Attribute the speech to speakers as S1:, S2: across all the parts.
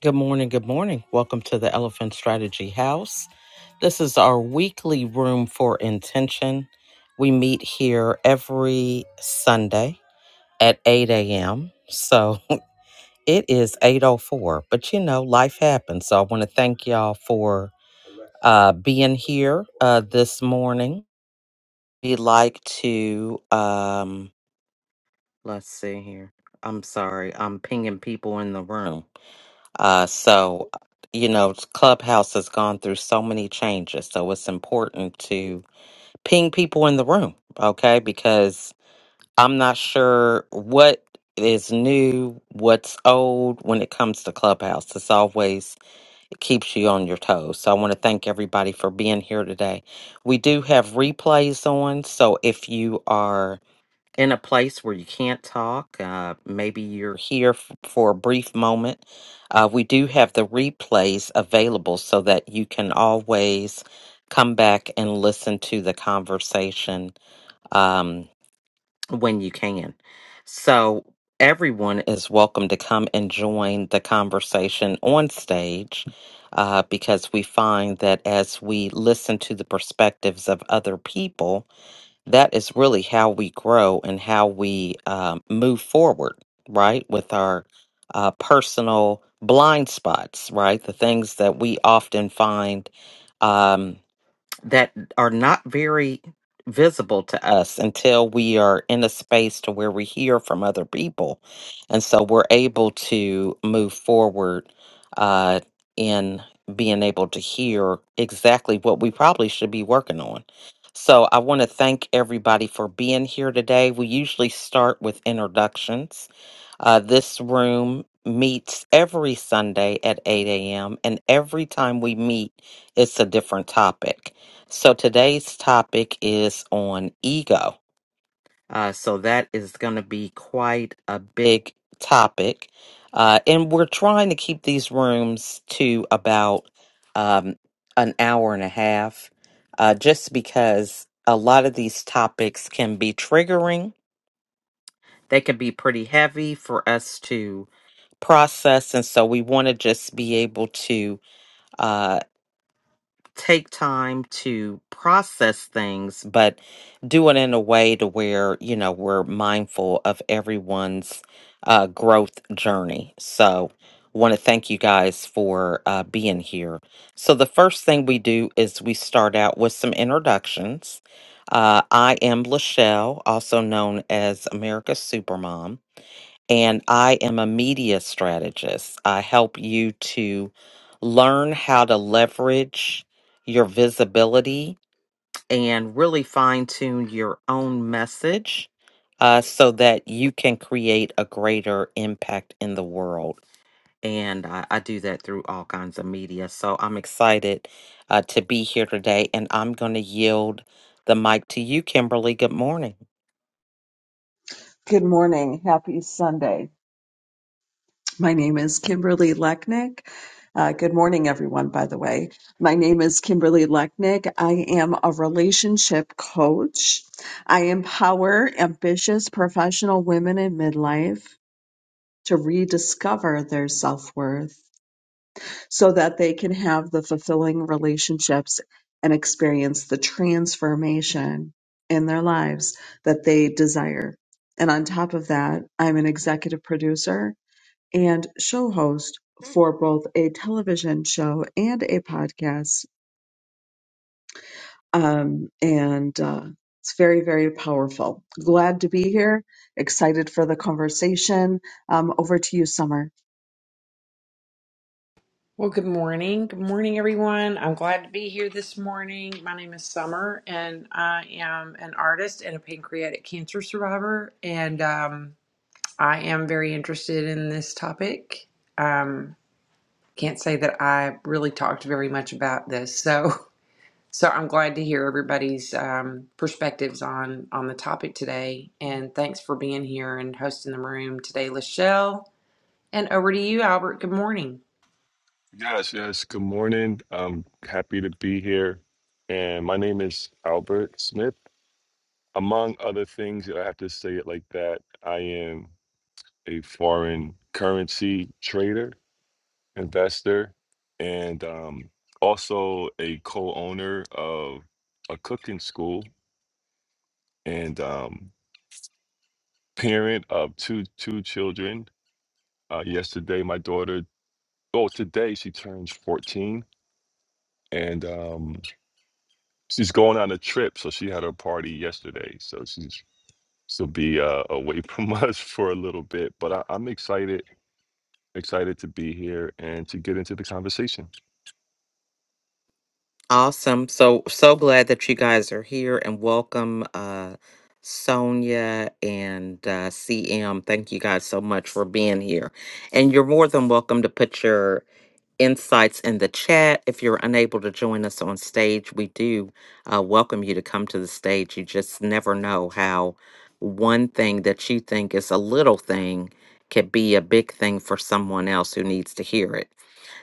S1: Good morning. Good morning. Welcome to the Elephant Strategy House. This is our weekly room for intention. We meet here every Sunday at 8 a.m. So it is 8.04, but you know, life happens. So I want to thank y'all for uh, being here uh, this morning. We'd like to, um, let's see here. I'm sorry, I'm pinging people in the room. Uh, so, you know, Clubhouse has gone through so many changes. So it's important to ping people in the room, okay? Because I'm not sure what is new, what's old when it comes to Clubhouse. It's always, it keeps you on your toes. So I want to thank everybody for being here today. We do have replays on. So if you are in a place where you can't talk. Uh, maybe you're here f- for a brief moment. Uh, we do have the replays available so that you can always come back and listen to the conversation um, when you can. So, everyone is welcome to come and join the conversation on stage. Uh, because we find that as we listen to the perspectives of other people, that is really how we grow and how we um, move forward, right? With our uh, personal blind spots, right? The things that we often find. um, that are not very visible to us until we are in a space to where we hear from other people and so we're able to move forward uh, in being able to hear exactly what we probably should be working on so i want to thank everybody for being here today we usually start with introductions uh, this room meets every Sunday at 8 a.m., and every time we meet, it's a different topic. So today's topic is on ego. Uh, so that is going to be quite a big topic. Uh, and we're trying to keep these rooms to about um, an hour and a half, uh, just because a lot of these topics can be triggering. They can be pretty heavy for us to process and so we want to just be able to uh take time to process things but do it in a way to where you know we're mindful of everyone's uh growth journey so want to thank you guys for uh, being here so the first thing we do is we start out with some introductions uh, i am lachelle also known as america's supermom and I am a media strategist. I help you to learn how to leverage your visibility and really fine tune your own message uh, so that you can create a greater impact in the world. And I, I do that through all kinds of media. So I'm excited uh, to be here today, and I'm going to yield the mic to you, Kimberly. Good morning.
S2: Good morning. Happy Sunday. My name is Kimberly Lechnick. Uh, good morning, everyone, by the way. My name is Kimberly Lechnick. I am a relationship coach. I empower ambitious professional women in midlife to rediscover their self worth so that they can have the fulfilling relationships and experience the transformation in their lives that they desire. And on top of that, I'm an executive producer and show host for both a television show and a podcast. Um, and uh, it's very, very powerful. Glad to be here. Excited for the conversation. Um, over to you, Summer.
S3: Well, good morning. Good morning, everyone. I'm glad to be here this morning. My name is Summer, and I am an artist and a pancreatic cancer survivor. And um, I am very interested in this topic. Um, can't say that I really talked very much about this, so so I'm glad to hear everybody's um, perspectives on on the topic today. And thanks for being here and hosting the room today, Lachelle. And over to you, Albert. Good morning.
S4: Yes, yes. Good morning. I'm happy to be here. And my name is Albert Smith. Among other things, I have to say it like that. I am a foreign currency trader, investor, and um, also a co owner of a cooking school and um, parent of two, two children. Uh, yesterday, my daughter, oh, today she turns 14. And um, she's going on a trip, so she had her party yesterday. So she's she'll be uh, away from us for a little bit. But I, I'm excited, excited to be here and to get into the conversation.
S1: Awesome. So so glad that you guys are here and welcome uh Sonia and uh CM. Thank you guys so much for being here. And you're more than welcome to put your insights in the chat. If you're unable to join us on stage, we do uh welcome you to come to the stage. You just never know how one thing that you think is a little thing could be a big thing for someone else who needs to hear it.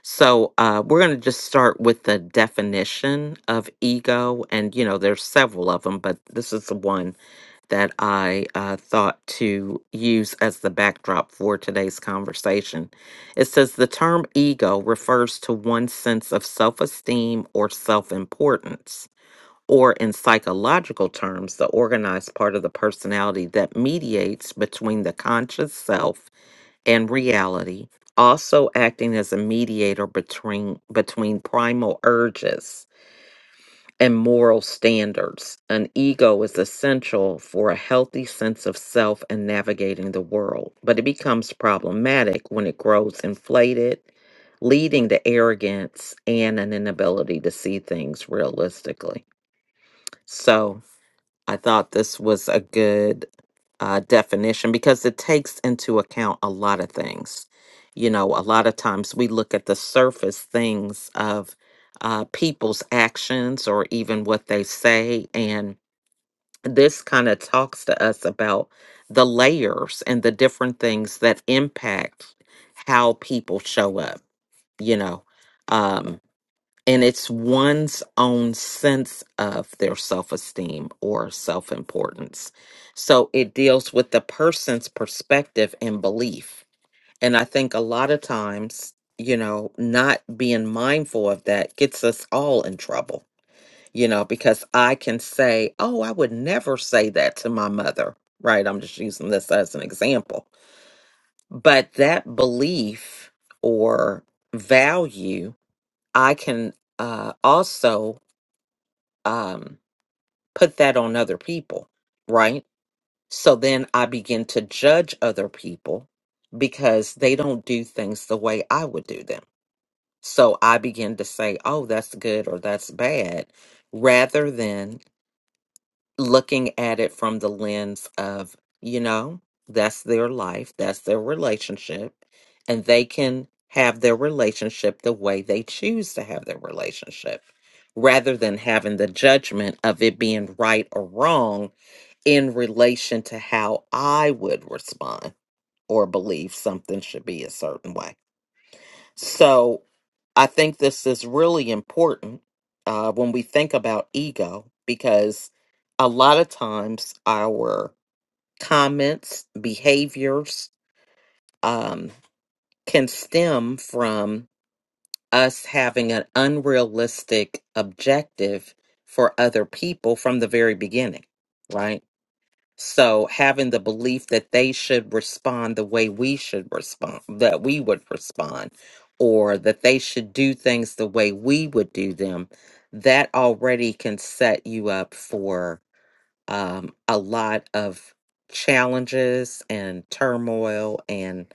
S1: So uh, we're going to just start with the definition of ego, and you know there's several of them, but this is the one that I uh, thought to use as the backdrop for today's conversation. It says the term ego refers to one's sense of self-esteem or self-importance. Or, in psychological terms, the organized part of the personality that mediates between the conscious self and reality, also acting as a mediator between between primal urges and moral standards. An ego is essential for a healthy sense of self and navigating the world, but it becomes problematic when it grows inflated, leading to arrogance and an inability to see things realistically. So, I thought this was a good uh, definition because it takes into account a lot of things. You know, a lot of times we look at the surface things of uh, people's actions or even what they say. And this kind of talks to us about the layers and the different things that impact how people show up, you know. Um, and it's one's own sense of their self esteem or self importance. So it deals with the person's perspective and belief. And I think a lot of times, you know, not being mindful of that gets us all in trouble, you know, because I can say, oh, I would never say that to my mother, right? I'm just using this as an example. But that belief or value, I can uh, also um, put that on other people, right? So then I begin to judge other people because they don't do things the way I would do them. So I begin to say, oh, that's good or that's bad, rather than looking at it from the lens of, you know, that's their life, that's their relationship, and they can have their relationship the way they choose to have their relationship rather than having the judgment of it being right or wrong in relation to how I would respond or believe something should be a certain way. So I think this is really important uh, when we think about ego because a lot of times our comments, behaviors um, can stem from us having an unrealistic objective for other people from the very beginning, right? So having the belief that they should respond the way we should respond, that we would respond, or that they should do things the way we would do them, that already can set you up for um, a lot of challenges and turmoil and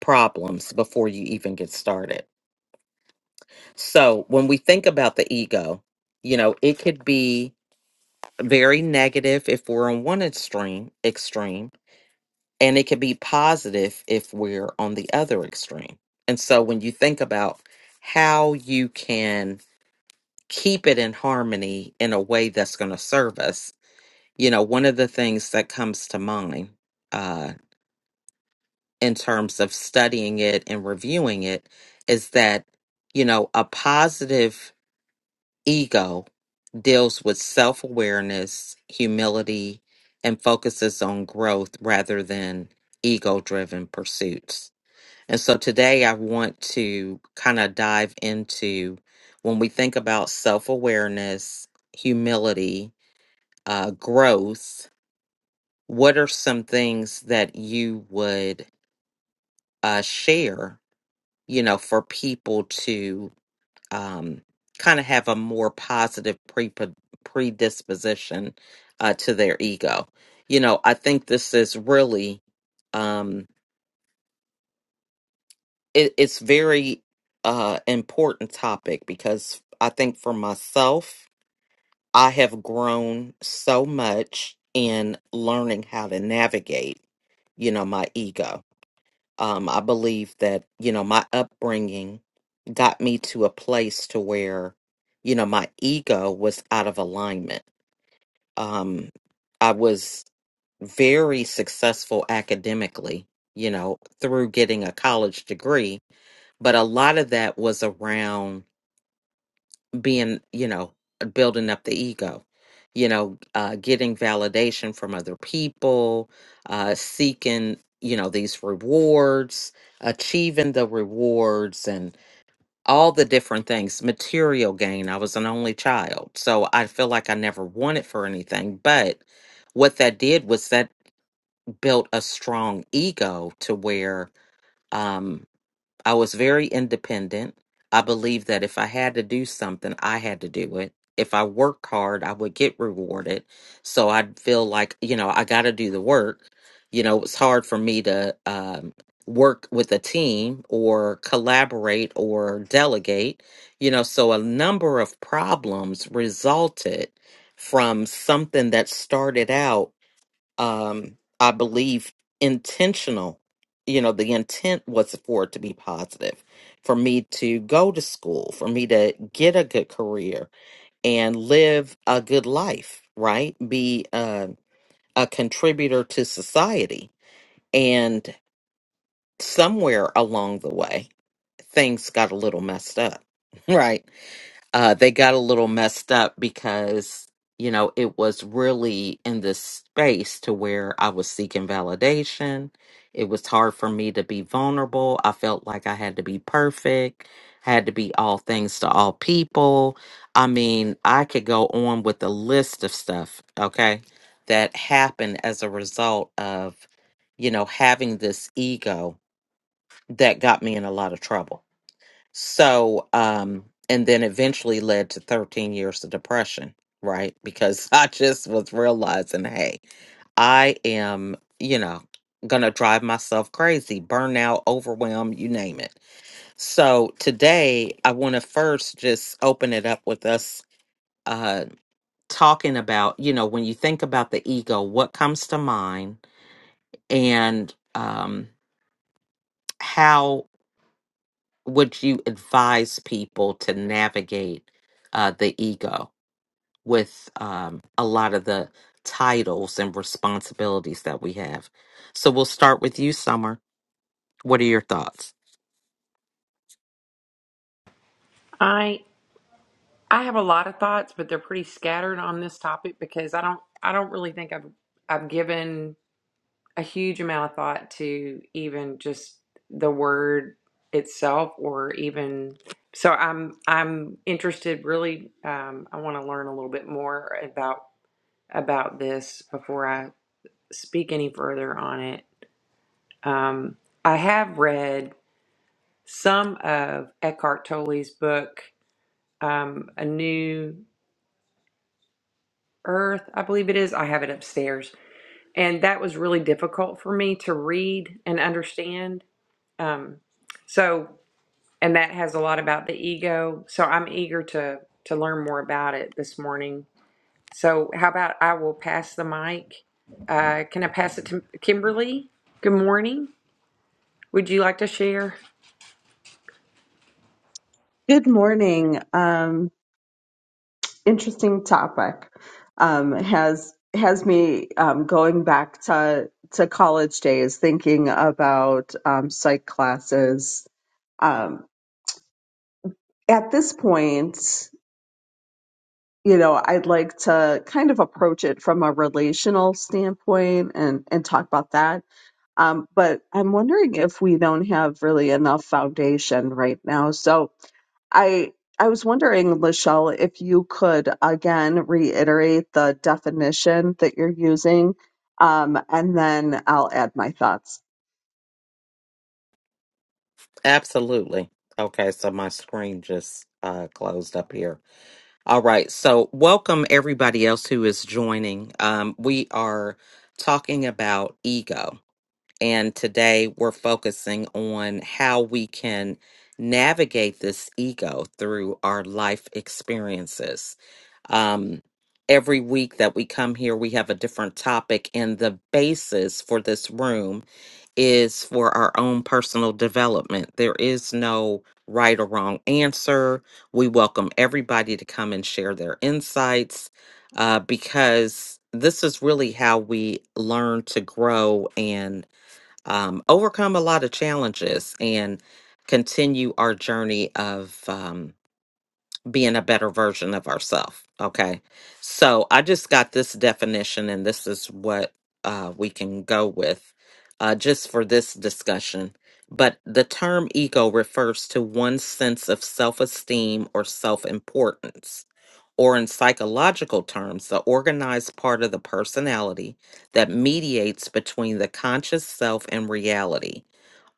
S1: problems before you even get started. So when we think about the ego, you know, it could be very negative if we're on one extreme extreme and it can be positive if we're on the other extreme. And so when you think about how you can keep it in harmony in a way that's going to serve us, you know, one of the things that comes to mind uh, in terms of studying it and reviewing it is that, you know, a positive ego deals with self awareness, humility, and focuses on growth rather than ego driven pursuits And so today I want to kind of dive into when we think about self awareness, humility, uh, growth, what are some things that you would uh, share, you know, for people to um, kind of have a more positive pre- predisposition uh, to their ego? You know, I think this is really. Um, it, it's very uh important topic because I think for myself, I have grown so much in learning how to navigate, you know, my ego. Um, I believe that, you know, my upbringing got me to a place to where, you know, my ego was out of alignment. Um, I was very successful academically, you know, through getting a college degree, but a lot of that was around being you know building up the ego you know uh, getting validation from other people uh, seeking you know these rewards achieving the rewards and all the different things material gain i was an only child so i feel like i never wanted for anything but what that did was that built a strong ego to where um, I was very independent. I believed that if I had to do something, I had to do it. If I worked hard, I would get rewarded. So I'd feel like, you know, I got to do the work. You know, it's hard for me to um, work with a team or collaborate or delegate, you know, so a number of problems resulted from something that started out um, I believe, intentional. You know, the intent was for it to be positive, for me to go to school, for me to get a good career and live a good life, right? Be uh, a contributor to society. And somewhere along the way, things got a little messed up, right? uh, they got a little messed up because you know it was really in this space to where i was seeking validation it was hard for me to be vulnerable i felt like i had to be perfect had to be all things to all people i mean i could go on with a list of stuff okay that happened as a result of you know having this ego that got me in a lot of trouble so, um, and then eventually led to 13 years of depression, right? Because I just was realizing, hey, I am, you know, gonna drive myself crazy, burnout, overwhelm, you name it. So today I wanna first just open it up with us uh talking about, you know, when you think about the ego, what comes to mind and um how would you advise people to navigate uh, the ego with um, a lot of the titles and responsibilities that we have? So we'll start with you, Summer. What are your thoughts?
S3: I. I have a lot of thoughts, but they're pretty scattered on this topic because I don't I don't really think I've I've given a huge amount of thought to even just the word itself or even so I'm I'm interested really um, I want to learn a little bit more about about this before I speak any further on it. Um, I have read some of Eckhart Tolle's book um, A New Earth, I believe it is. I have it upstairs. And that was really difficult for me to read and understand. Um, so, and that has a lot about the ego. So I'm eager to to learn more about it this morning. So how about I will pass the mic. Uh, can I pass it to Kimberly? Good morning. Would you like to share?
S2: Good morning. Um, interesting topic. Um, has has me um, going back to to college days, thinking about um, psych classes. Um, at this point, you know, I'd like to kind of approach it from a relational standpoint and, and talk about that. Um, but I'm wondering if we don't have really enough foundation right now. So, I I was wondering, Lachelle, if you could again reiterate the definition that you're using, um, and then I'll add my thoughts.
S1: Absolutely. Okay, so my screen just uh, closed up here. All right, so welcome everybody else who is joining. Um, we are talking about ego. And today we're focusing on how we can navigate this ego through our life experiences. Um, every week that we come here, we have a different topic, and the basis for this room is for our own personal development. There is no right or wrong answer. We welcome everybody to come and share their insights uh, because this is really how we learn to grow and um, overcome a lot of challenges and continue our journey of um, being a better version of ourselves. Okay. So I just got this definition, and this is what uh, we can go with uh, just for this discussion. But the term ego refers to one's sense of self esteem or self importance. Or, in psychological terms, the organized part of the personality that mediates between the conscious self and reality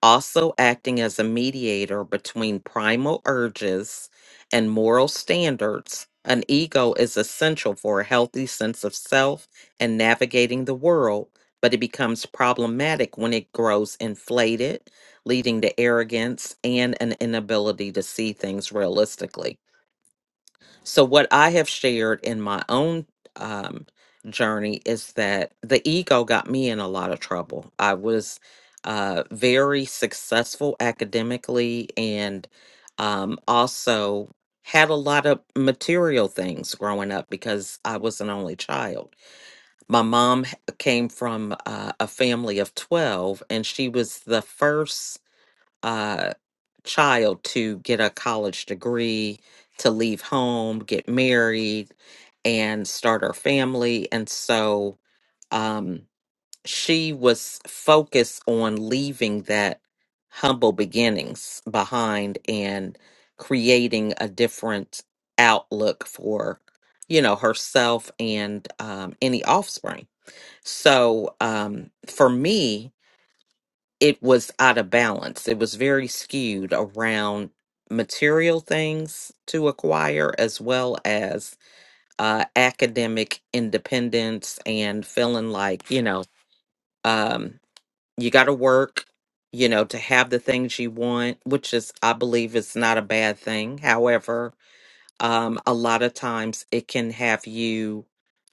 S1: also acting as a mediator between primal urges and moral standards, an ego is essential for a healthy sense of self and navigating the world, but it becomes problematic when it grows inflated, leading to arrogance and an inability to see things realistically. So, what I have shared in my own um, journey is that the ego got me in a lot of trouble. I was uh, very successful academically and um, also had a lot of material things growing up because I was an only child. My mom h- came from uh, a family of 12, and she was the first uh, child to get a college degree, to leave home, get married, and start her family. And so um, she was focused on leaving that humble beginnings behind and creating a different outlook for you know herself and um, any offspring so um, for me it was out of balance. It was very skewed around material things to acquire as well as uh, academic independence and feeling like, you know, um, you got to work, you know, to have the things you want, which is, I believe, is not a bad thing. However, um, a lot of times it can have you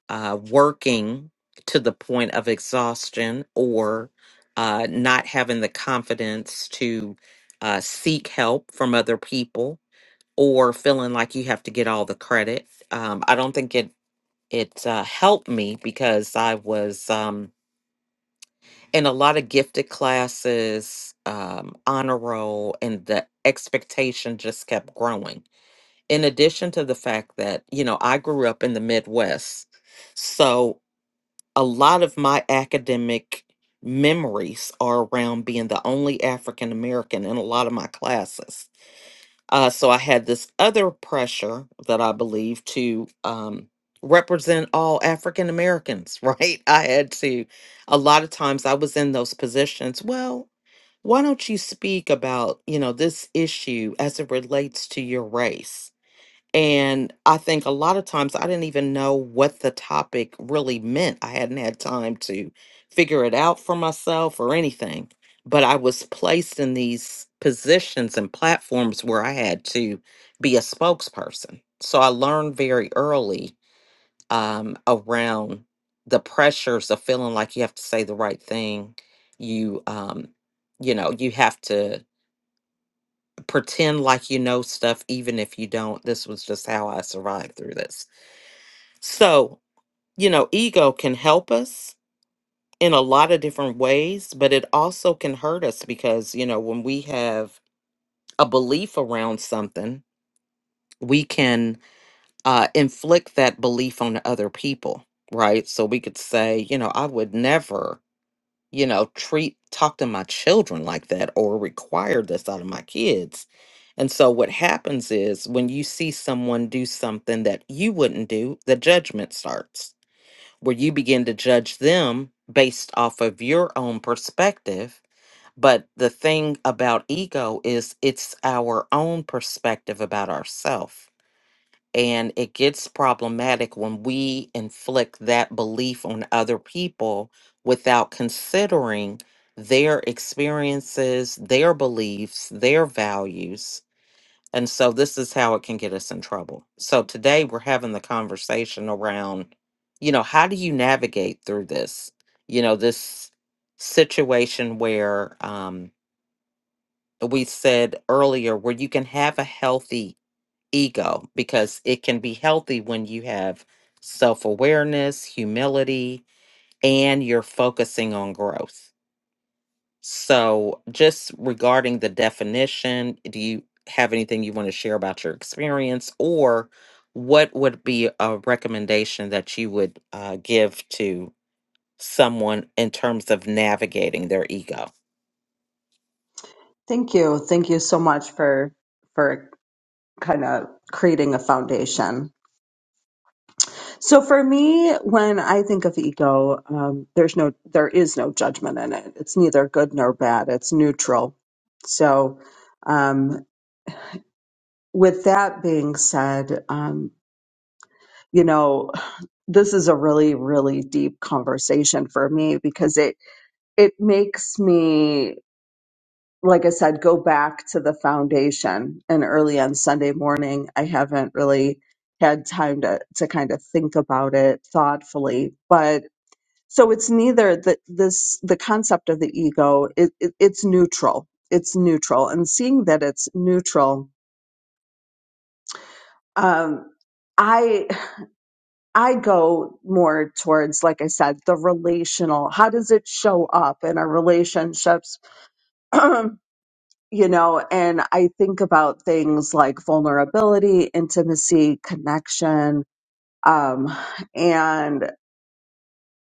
S1: uh, working to the point of exhaustion or uh, not having the confidence to uh, seek help from other people or feeling like you have to get all the credit. Um, I don't think it it uh, helped me because I was um, in a lot of gifted classes, um, honor roll, and the expectation just kept growing. In addition to the fact that you know I grew up in the Midwest, so a lot of my academic memories are around being the only African American in a lot of my classes. Uh, so I had this other pressure that I believe to um, represent all African Americans, right? I had to, a lot of times I was in those positions. Well, why don't you speak about, you know, this issue as it relates to your race? And I think a lot of times I didn't even know what the topic really meant. I hadn't had time to figure it out for myself or anything. But I was placed in these positions and platforms where I had to be a spokesperson. So I learned very early um, around the pressures of feeling like you have to say the right thing. You, um, you know, you have to pretend like you know stuff even if you don't. This was just how I survived through this. So, you know, ego can help us in a lot of different ways, but it also can hurt us because, you know, when we have a belief around something, we can uh, inflict that belief on other people, right? So we could say, you know, I would never, you know, treat, talk to my children like that or require this out of my kids. And so what happens is when you see someone do something that you wouldn't do, the judgment starts where you begin to judge them based off of your own perspective. But the thing about ego is it's our own perspective about ourselves. And it gets problematic when we inflict that belief on other people without considering their experiences, their beliefs, their values and so this is how it can get us in trouble. So today we're having the conversation around, you know, how do you navigate through this? You know, this situation where um, we said earlier where you can have a healthy ego because it can be healthy when you have self awareness, humility, and you're focusing on growth so, just regarding the definition, do you have anything you want to share about your experience, or what would be a recommendation that you would uh, give to someone in terms of navigating their ego?
S2: Thank you. Thank you so much for for kind of creating a foundation. So for me, when I think of ego, um, there's no, there is no judgment in it. It's neither good nor bad. It's neutral. So, um, with that being said, um, you know, this is a really, really deep conversation for me because it it makes me, like I said, go back to the foundation. And early on Sunday morning, I haven't really had time to to kind of think about it thoughtfully, but So it's neither the this the concept of the ego. It, it, it's neutral. It's neutral, and seeing that it's neutral, um, I I go more towards, like I said, the relational. How does it show up in our relationships? you know, and I think about things like vulnerability, intimacy, connection, um, and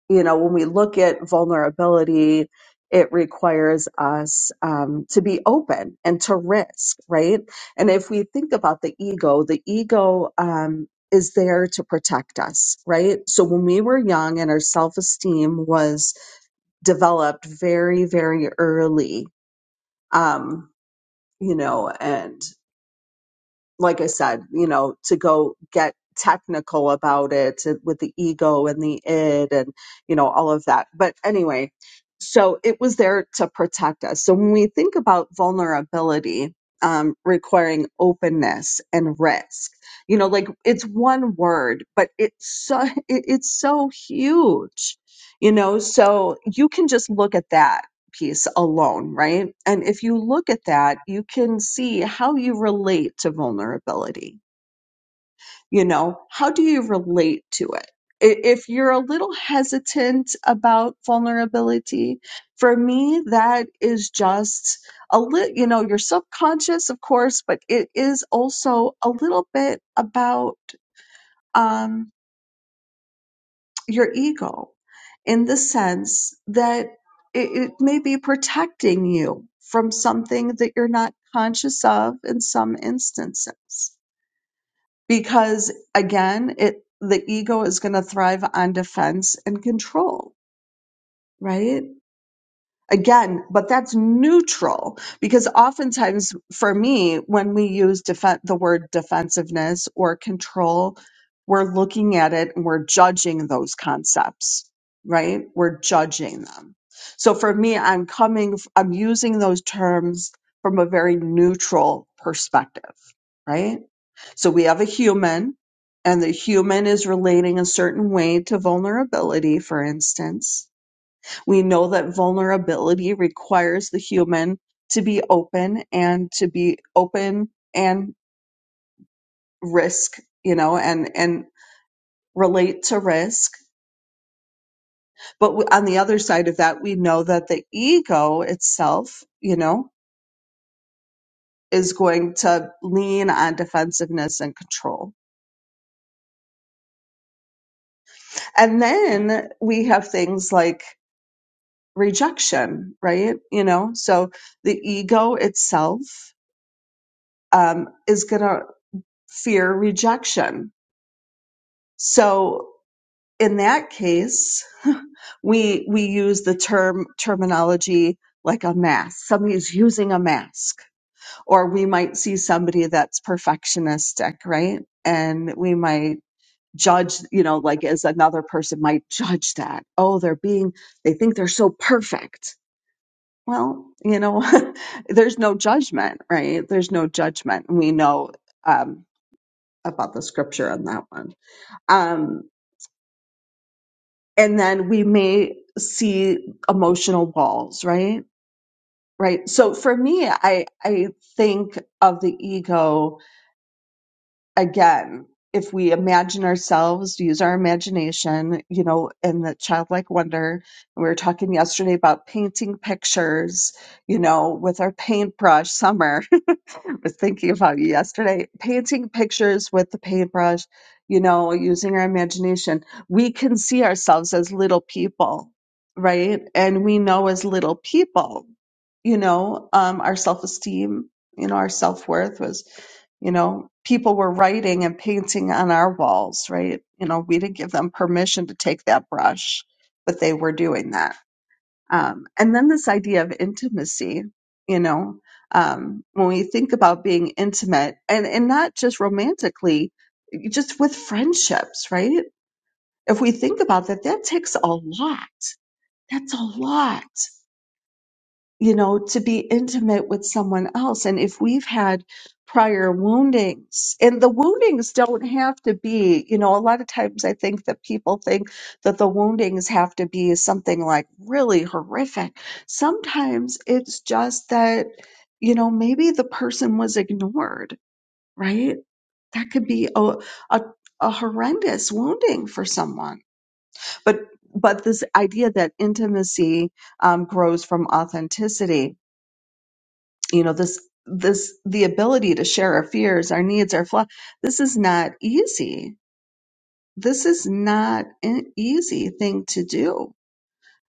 S2: you know, when we look at vulnerability, it requires us um, to be open and to risk, right? And if we think about the ego, the ego um, is there to protect us, right? So when we were young and our self esteem was developed very, very early, um, you know, and like I said, you know, to go get technical about it to, with the ego and the id and, you know, all of that. But anyway, so it was there to protect us. So when we think about vulnerability, um, requiring openness and risk, you know, like it's one word, but it's so, it, it's so huge, you know, so you can just look at that piece alone, right? And if you look at that, you can see how you relate to vulnerability. You know, how do you relate to it? I- If you're a little hesitant about vulnerability, for me, that is just a little, you know, your subconscious, of course, but it is also a little bit about, um, your ego in the sense that it, it may be protecting you from something that you're not conscious of in some instances. Because again, it the ego is going to thrive on defense and control, right? again but that's neutral because oftentimes for me when we use defen the word defensiveness or control we're looking at it and we're judging those concepts right we're judging them so for me i'm coming f- i'm using those terms from a very neutral perspective right so we have a human and the human is relating a certain way to vulnerability for instance we know that vulnerability requires the human to be open and to be open and risk, you know, and, and relate to risk. But w- on the other side of that, we know that the ego itself, you know, is going to lean on defensiveness and control. And then we have things like rejection, right? You know, so the ego itself um, is going to fear rejection So in that case, we we use the term terminology like a mask. Somebody's using a mask, or we might see somebody that's perfectionistic, right? And we might judge, you know, like as another person might judge that. Oh, they're being, they think they're so perfect. Well, you know, there's no judgment, right? There's no judgment. We know um, about the scripture on that one. Um, and then we may see emotional walls right right so for me i i think of the ego again if we imagine ourselves use our imagination you know in the childlike wonder and we were talking yesterday about painting pictures you know with our paintbrush summer I was thinking about you yesterday painting pictures with the paintbrush you know using our imagination we can see ourselves as little people right and we know as little people you know um, our self-esteem you know our self-worth was you know people were writing and painting on our walls right you know we didn't give them permission to take that brush but they were doing that um, and then this idea of intimacy, you know, um, when we think about being intimate and, and not just romantically, just with friendships, right? If we think about that, that takes a lot. That's a lot you know, to be intimate with someone else. And if we've had prior woundings, and the woundings don't have to be, you know, a lot of times I think that people think that the woundings have to be something like really horrific. Sometimes it's just that, you know, maybe the person was ignored, right? That could be a, a, a horrendous wounding for someone. But but this idea that intimacy um, grows from authenticity you know this this the ability to share our fears our needs our flaws this is not easy this is not an easy thing to do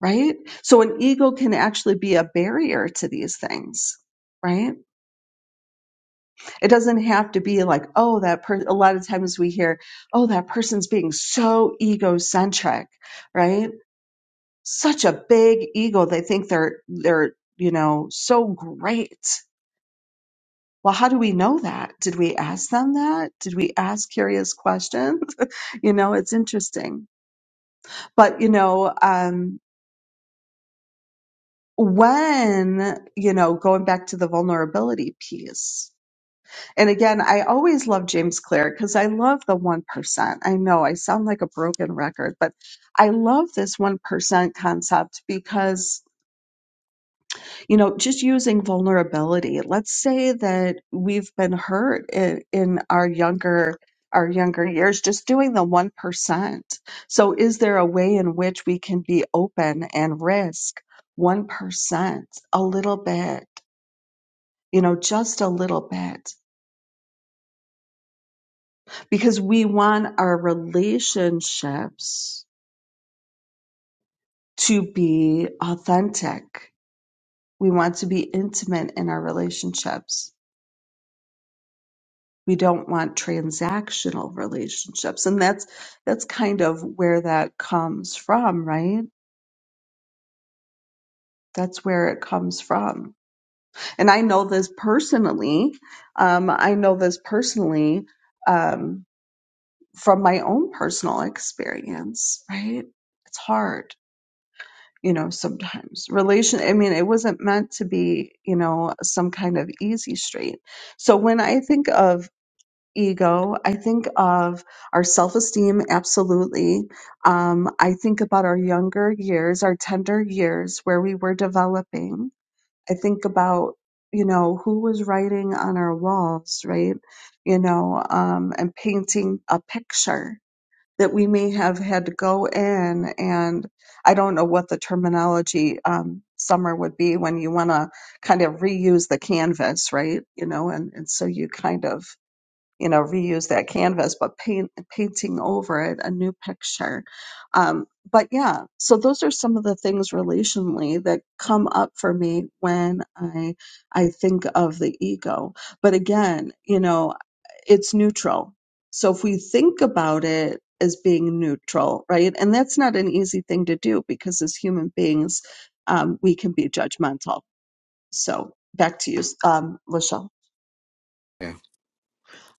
S2: right so an ego can actually be a barrier to these things right it doesn't have to be like oh that person a lot of times we hear oh that person's being so egocentric right such a big ego they think they're they're you know so great well, how do we know that? Did we ask them that? Did we ask curious questions? you know, it's interesting. But, you know, um, when, you know, going back to the vulnerability piece, and again, I always love James Clear because I love the 1%. I know I sound like a broken record, but I love this 1% concept because you know just using vulnerability let's say that we've been hurt in, in our younger our younger years just doing the 1% so is there a way in which we can be open and risk 1% a little bit you know just a little bit because we want our relationships to be authentic we want to be intimate in our relationships we don't want transactional relationships and that's that's kind of where that comes from right that's where it comes from and i know this personally um, i know this personally um, from my own personal experience right it's hard you know sometimes relation i mean it wasn't meant to be you know some kind of easy street so when i think of ego. I think of our self esteem, absolutely. Um, I think about our younger years, our tender years where we were developing. I think about, you know, who was writing on our walls, right? You know, um, and painting a picture that we may have had to go in and I don't know what the terminology um, summer would be when you want to kind of reuse the canvas, right? You know, and, and so you kind of you know reuse that canvas but paint painting over it a new picture um, but yeah so those are some of the things relationally that come up for me when i i think of the ego but again you know it's neutral so if we think about it as being neutral right and that's not an easy thing to do because as human beings um, we can be judgmental so back to you um, lachelle
S1: Yeah.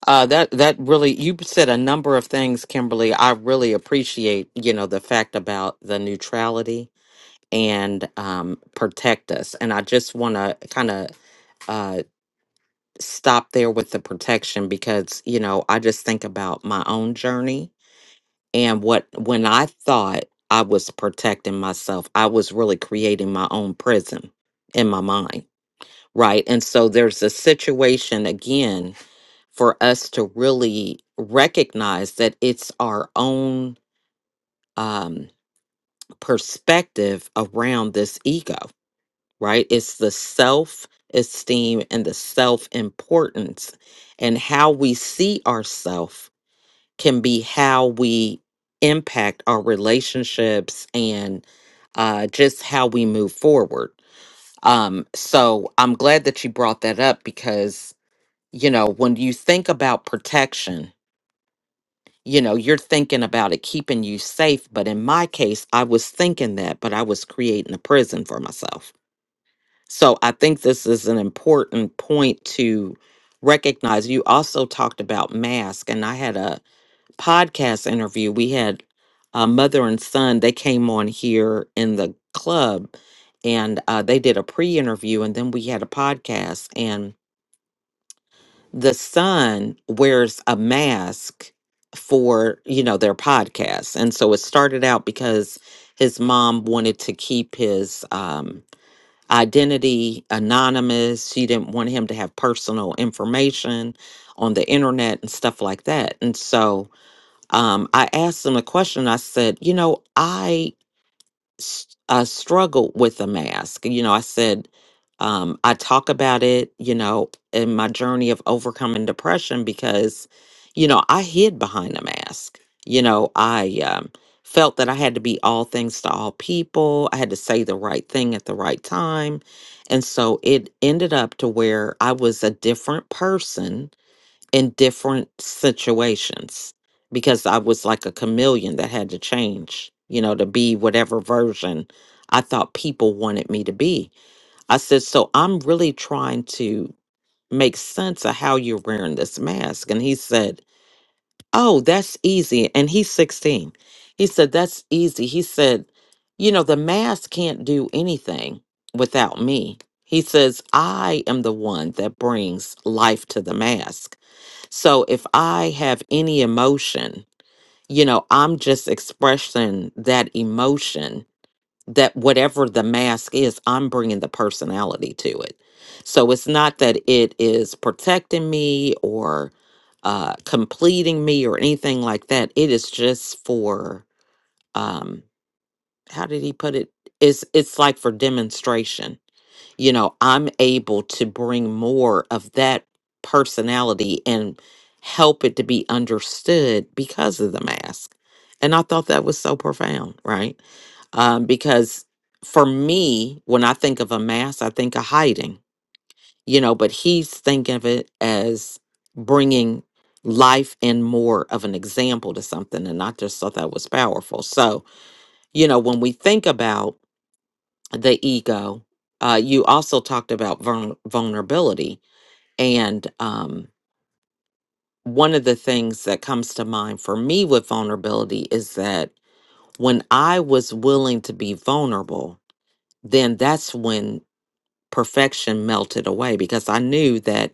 S1: Uh, that that really you said a number of things, Kimberly. I really appreciate you know the fact about the neutrality and um, protect us, and I just want to kind of. stop there with the protection because you know i just think about my own journey and what when i thought i was protecting myself i was really creating my own prison in my mind right and so there's a situation again for us to really recognize that it's our own um perspective around this ego right? It's the self esteem and the self importance. And how we see ourselves can be how we impact our relationships and uh, just how we move forward. Um, so I'm glad that you brought that up because, you know, when you think about protection, you know, you're thinking about it keeping you safe. But in my case, I was thinking that, but I was creating a prison for myself so I think this is an important point to recognize. You also talked about mask, and I had a podcast interview. We had a mother and son. They came on here in the club, and uh, they did a pre-interview, and then we had a podcast. And the son wears a mask for you know their podcast, and so it started out because his mom wanted to keep his. Um, identity anonymous. She didn't want him to have personal information on the internet and stuff like that. And so um, I asked him a question. I said, You know, I s- uh, struggled with a mask. You know, I said, um, I talk about it, you know, in my journey of overcoming depression because, you know, I hid behind a mask. You know, I um, felt that I had to be all things to all people. I had to say the right thing at the right time. And so it ended up to where I was a different person in different situations because I was like a chameleon that had to change, you know, to be whatever version I thought people wanted me to be. I said, So I'm really trying to make sense of how you're wearing this mask. And he said, Oh, that's easy. And he's 16. He said, That's easy. He said, You know, the mask can't do anything without me. He says, I am the one that brings life to the mask. So if I have any emotion, you know, I'm just expressing that emotion that whatever the mask is, I'm bringing the personality to it. So it's not that it is protecting me or uh, completing me or anything like that. It is just for um, how did he put it? It's it's like for demonstration you know, I'm able to bring more of that personality and help it to be understood because of the mask. And I thought that was so profound, right? Um, because for me, when I think of a mask, I think of hiding, you know, but he's thinking of it as bringing life and more of an example to something. And I just thought that was powerful. So, you know, when we think about the ego. Uh, you also talked about vulner- vulnerability. And um, one of the things that comes to mind for me with vulnerability is that when I was willing to be vulnerable, then that's when perfection melted away because I knew that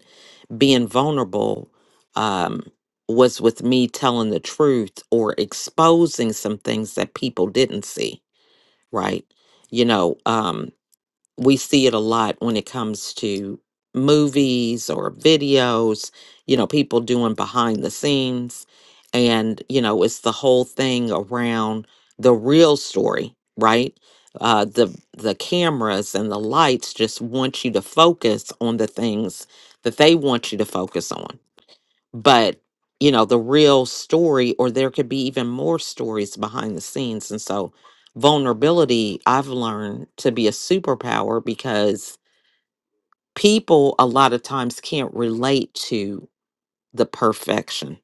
S1: being vulnerable um, was with me telling the truth or exposing some things that people didn't see, right? You know, um, we see it a lot when it comes to movies or videos, you know, people doing behind the scenes. And, you know, it's the whole thing around the real story, right? Uh, the the cameras and the lights just want you to focus on the things that they want you to focus on but you know the real story or there could be even more stories behind the scenes and so vulnerability i've learned to be a superpower because people a lot of times can't relate to the perfection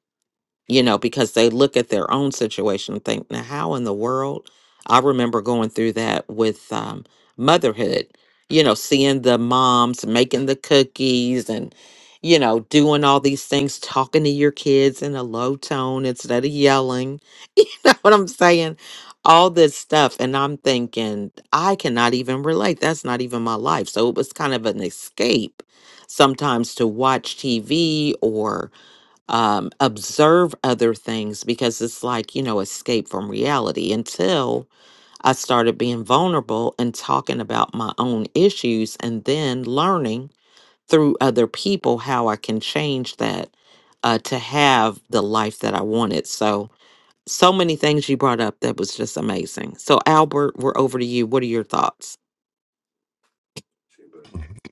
S1: you know, because they look at their own situation and think, now, how in the world? I remember going through that with um, motherhood, you know, seeing the moms making the cookies and, you know, doing all these things, talking to your kids in a low tone instead of yelling. You know what I'm saying? All this stuff. And I'm thinking, I cannot even relate. That's not even my life. So it was kind of an escape sometimes to watch TV or um, observe other things because it's like, you know, escape from reality until I started being vulnerable and talking about my own issues and then learning through other people how I can change that uh, to have the life that I wanted. So, so many things you brought up that was just amazing. So, Albert, we're over to you. What are your thoughts?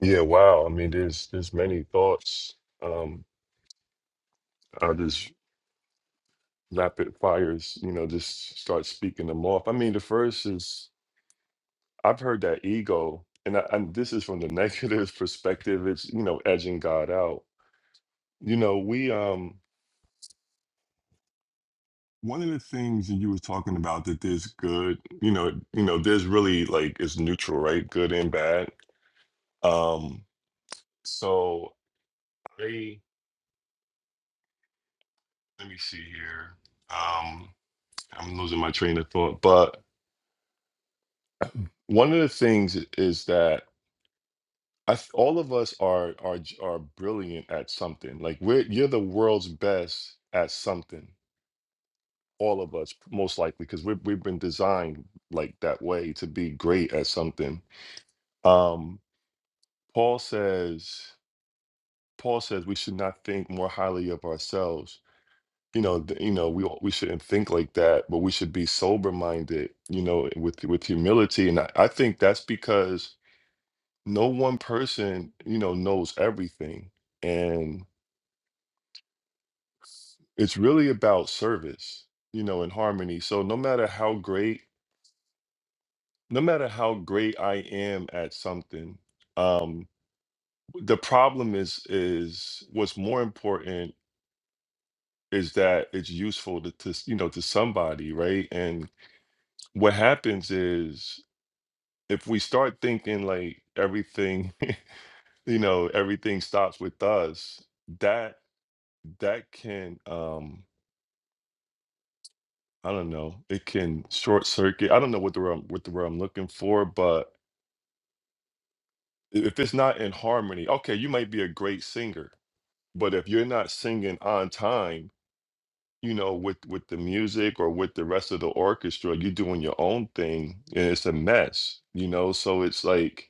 S4: Yeah, wow. I mean, there's there's many thoughts. Um, I'll just rapid fires, you know, just start speaking them off. I mean, the first is I've heard that ego, and I, and this is from the negative perspective. It's you know edging God out. You know, we um one of the things that you were talking about that there's good you know you know there's really like it's neutral right good and bad um so i let me see here um i'm losing my train of thought but one of the things i- is that I, th- all of us are are j- are brilliant at something like we're you're the world's best at something all of us most likely because we've, we've been designed like that way to be great at something Um, Paul says, Paul says we should not think more highly of ourselves. You know, th- you know, we all- we shouldn't think like that, but we should be sober minded. You know, with with humility, and I, I think that's because no one person, you know, knows everything, and it's really about service. You know, in harmony. So no matter how great, no matter how great I am at something, um, the problem is is what's more important is that it's useful to, to you know to somebody right and what happens is if we start thinking like everything you know everything stops with us that that can um i don't know it can short circuit i don't know what the word, what the word i'm looking for but i- if it's not in harmony okay you might be a great singer but if you're not singing on time you know with with the music or with the rest of the orchestra you're doing your own thing and it's a mess you know so it's like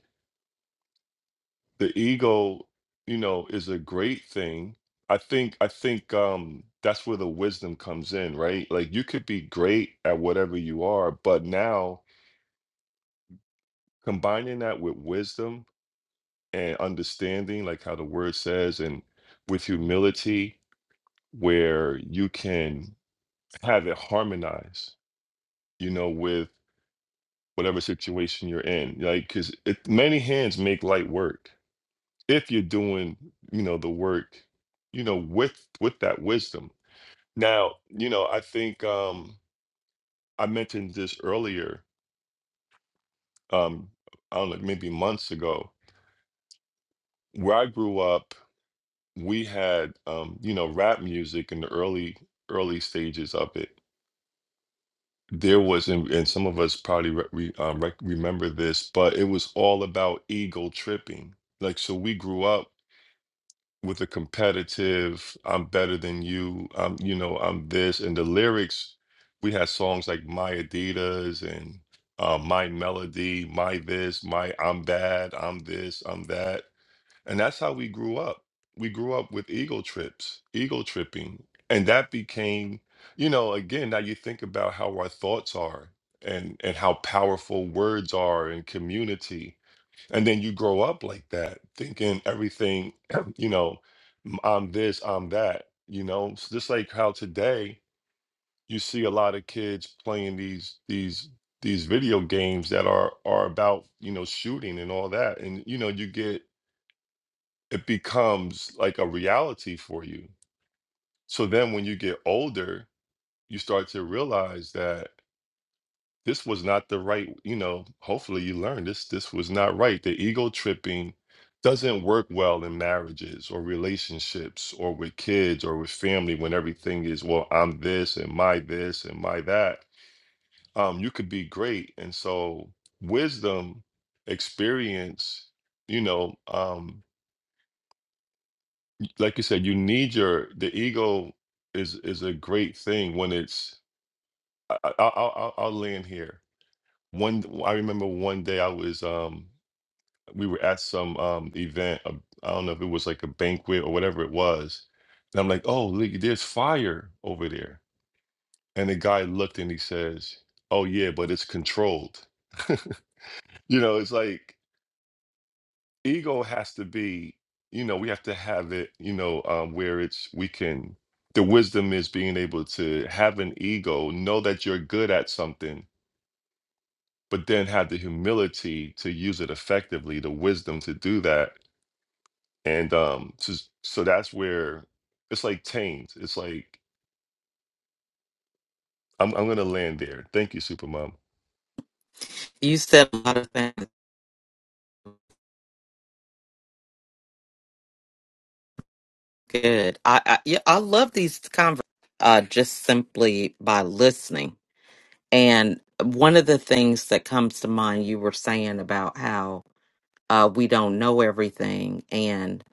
S4: the ego you know is a great thing i think i think um that's where the wisdom comes in right like you could be great at whatever you are but now combining that with wisdom and understanding like how the word says and with humility where you can have it harmonize you know with whatever situation you're in like because many hands make light work if you're doing you know the work you know with with that wisdom now you know i think um i mentioned this earlier um i don't know maybe months ago where i grew up we had um you know rap music in the early early stages of it there was and, and some of us probably re- re- um, rec- remember this but it was all about ego tripping like so we grew up with a competitive i'm better than you i'm you know i'm this and the lyrics we had songs like my adidas and uh, my melody my this my i'm bad i'm this i'm that and that's how we grew up we grew up with ego trips ego tripping and that became you know again now you think about how our thoughts are and and how powerful words are in community and then you grow up like that, thinking everything, you know, m- I'm this, I'm that, you know, it's just like how today you see a lot of kids playing these these these video games that are are about, you know, shooting and all that. And you know, you get it becomes like a reality for you. So then when you get older, you start to realize that this was not the right you know hopefully you learned this this was not right the ego tripping doesn't work well in marriages or relationships or with kids or with family when everything is well i'm this and my this and my that um you could be great and so wisdom experience you know um like you said you need your the ego is is a great thing when it's I, I, I'll, I'll I'll land here one i remember one day i was um we were at some um event. uh, I don't know if it was like a banquet or whatever it was. And I'm like, oh, look, there's fire over there. And the guy looked and he says, oh yeah, but it's controlled. you know, it's like ego has to be. You know, we have to have it. You know, um, where it's we can. The wisdom is being able to have an ego, know that you're good at something, but then have the humility to use it effectively. The wisdom to do that And um, so, so that's where it's like tamed. It's like I'm I'm gonna land there. Thank you, Supermom.
S1: You said a lot of things good. I, I yeah, I love these conversations uh, just simply by listening And one of the things that comes to mind, you were saying about how uh, we don't know everything and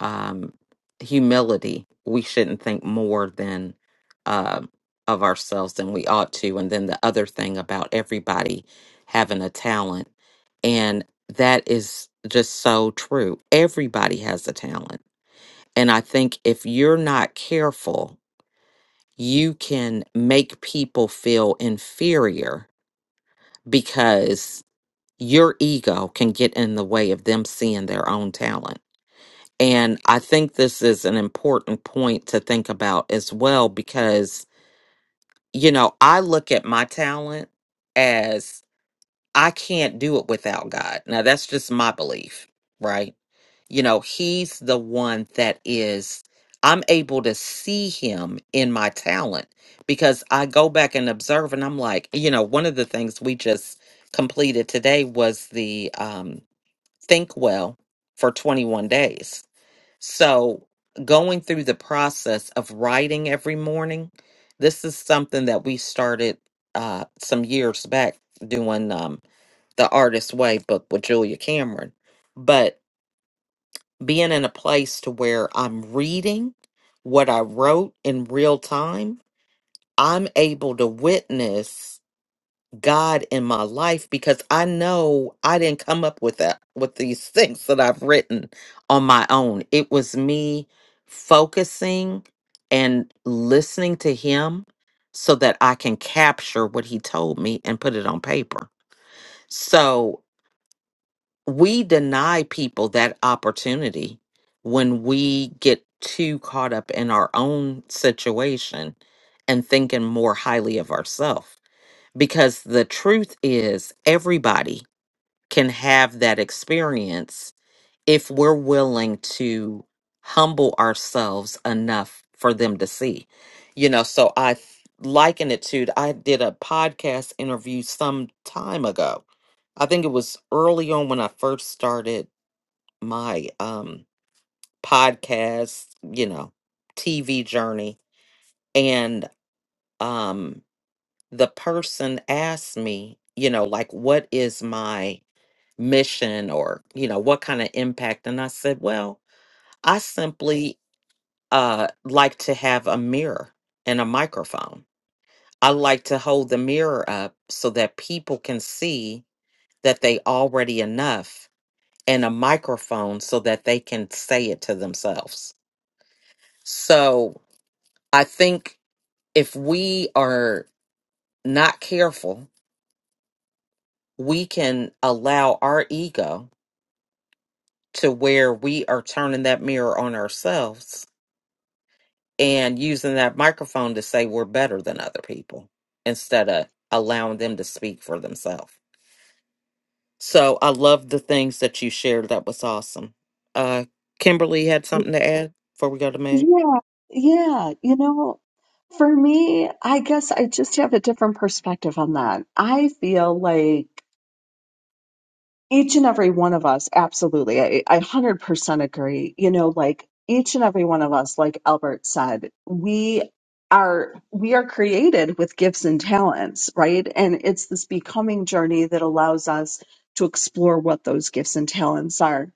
S1: um, humility. We shouldn't think more than uh, of ourselves than we ought to. And then the other thing about everybody having a talent. And that is just so true. Everybody has a talent. And I think if you're not careful, you can make people feel inferior because your ego can get in the way of them seeing their own talent. And I think this is an important point to think about as well because, you know, I look at my talent as I can't do it without God. Now, that's just my belief, right? You know, he's the one that is, I'm able to see him in my talent because I go back and observe and I'm like, you know, one of the things we just completed today was the um, Think Well for 21 days. So going through the process of writing every morning, this is something that we started uh, some years back doing um, the Artist Way book with Julia Cameron. But being in a place to where I'm reading what I wrote in real time, I'm able to witness God in my life because I know I didn't come up with that with these things that I've written on my own. It was me focusing and listening to him so that I can capture what he told me and put it on paper. So we deny people that opportunity when we get too caught up in our own situation and thinking more highly of ourselves. Because the truth is, everybody can have that experience if we're willing to humble ourselves enough for them to see. You know, so I th- liken it to I did a podcast interview some time ago. I think it was early on when I first started my um podcast, you know, TV journey and um the person asked me, you know, like what is my mission or, you know, what kind of impact and I said, well, I simply uh like to have a mirror and a microphone. I like to hold the mirror up so that people can see that they already enough and a microphone so that they can say it to themselves. So I think if we are not careful, we can allow our ego to where we are turning that mirror on ourselves and using that microphone to say we're better than other people instead of allowing them to speak for themselves. So I love the things that you shared. That was awesome. Uh, Kimberly had something to add before we go to Meg.
S2: Yeah, yeah. You know, for me, I guess I just have a different perspective on that. I feel like each and every one of us, absolutely, I, I 100% agree. You know, like each and every one of us, like Albert said, we are we are created with gifts and talents, right? And it's this becoming journey that allows us to explore what those gifts and talents are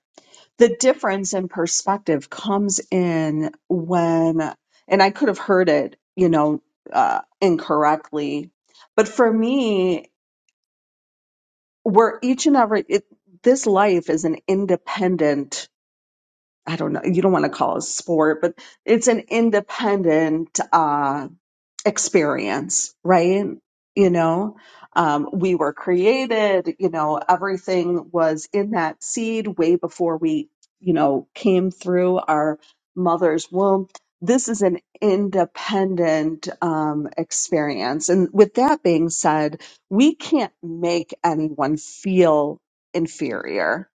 S2: the difference in perspective comes in when and i could have heard it you know uh, incorrectly but for me we're each and every it, this life is an independent i don't know you don't want to call it a sport but it's an independent uh experience, right? You know, um, we were created, you know, everything was in that seed way before we, you know, came through our mother's womb. This is an independent um, experience. And with that being said, we can't make anyone feel inferior.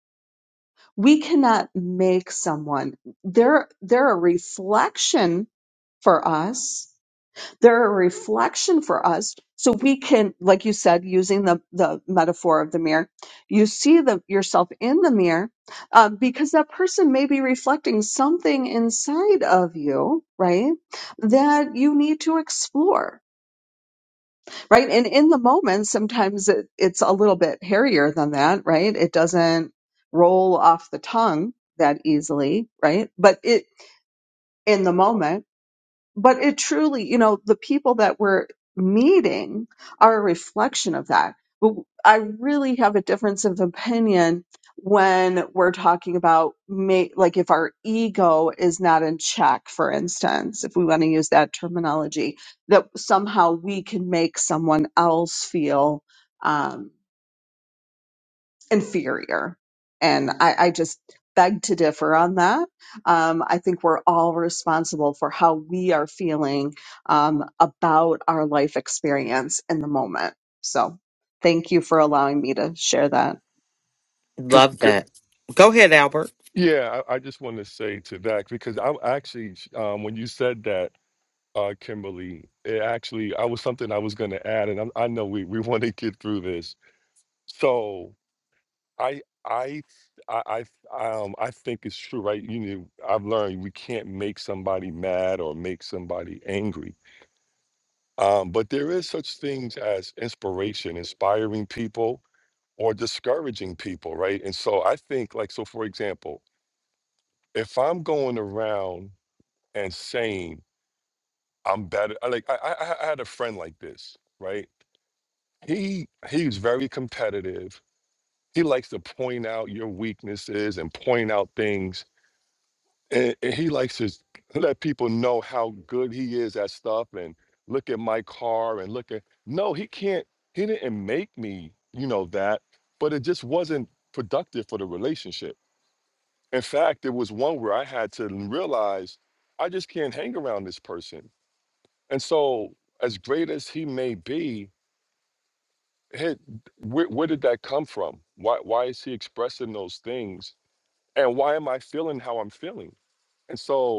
S2: We cannot make someone, they're, they're a reflection for us they're a reflection for us. So we can, like you said, using the, the metaphor of the mirror, you see the, yourself in the mirror um, because that person may be reflecting something inside of you, right? That you need to explore, right? And in the moment, sometimes it, it's a little bit hairier than that, right? It doesn't roll off the tongue that easily, right? But it, in the moment, but it truly, you know, the people that we're meeting are a reflection of that. But I really have a difference of opinion when we're talking about ma- like if our ego is not in check for instance if we want to use that terminology that somehow we can make someone else feel Um, inferior. And I, I just beg to differ on that. Um, I think we're all responsible for how we are feeling um, about our life experience in the moment. So thank you for allowing me to share that.
S4: Could,
S1: Love
S4: could,
S1: that. Go ahead, Albert.
S4: yeah, I, I just want to say to that because I'm actually sh- um, when you said that, uh, Kimberly, it actually I was something I was going to add, and I'm, I know we we want to get through this. So I I I I, um, I think it's true, right? You know, I've learned we can't make somebody mad or make somebody angry. Um, but there is such things as inspiration, inspiring people or discouraging people, right? And so I think, like, so for example, if I'm going around and saying I'm better, I like I, I, I had a friend like this, right? He he's very competitive. He likes to point out your weaknesses and point out things and, and he likes to let people know how good he is at stuff and look at my car and look at no he can't he didn't make me you know that but it just wasn't productive for the relationship in fact it was one where i had to realize i just can't hang around this person and so as great as he may be hey, where, where did that come from why, why is he expressing those things and why am i feeling how i'm feeling and so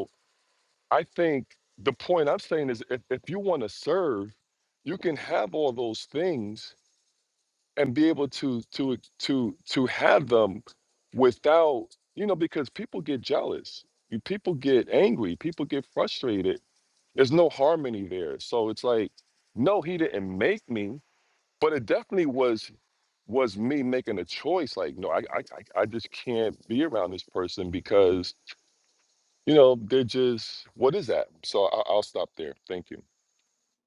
S4: I think the point I'm saying is if, if you want to serve, you can have all those things and be able to to to to have them without, you know, because people get jealous. You people get angry, people get frustrated. There's no harmony there. So it's like, no, he didn't make me, but it definitely was was me making a choice like no I, I i I just can't be around this person because you know they're just what is that so I, i'll stop there thank you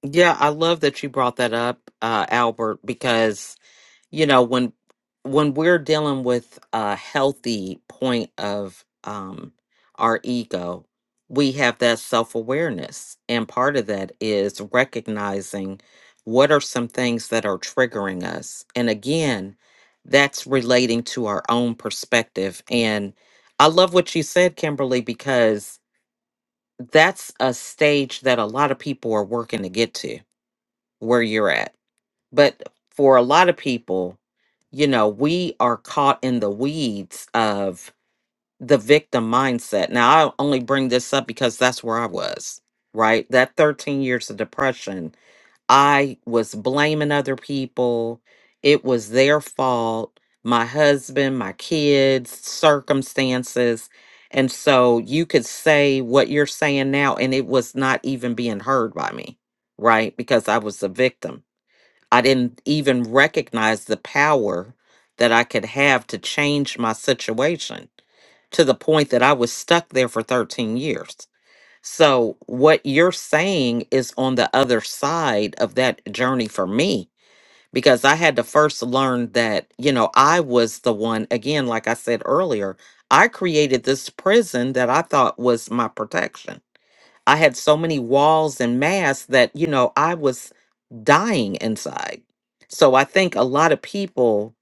S1: Yeah, I love that you brought that up, uh, Albert, because you know when when we're dealing with a healthy point of um, our ego, we have that self awareness, and part of that is recognizing what are some things that are triggering us, and again, that's relating to our own perspective. And I love what you said, Kimberly, because that's a stage that a lot of people are working to get to where you're at. But for a lot of people, you know, we are caught in the weeds of the victim mindset. Now, I only bring this up because that's where I was, right? That 13 years of depression, I was blaming other people. It was their fault, my husband, my kids, circumstances. And so you could say what you're saying now, and it was not even being heard by me, right? Because I was the victim. I didn't even recognize the power that I could have to change my situation to the point that I was stuck there for 13 years. So, what you're saying is on the other side of that journey for me, because I had to first learn that, you know, I was the one, again, like I said earlier, I created this prison that I thought was my protection I had so many walls and masks that, you know, I was dying inside. So I think a lot of people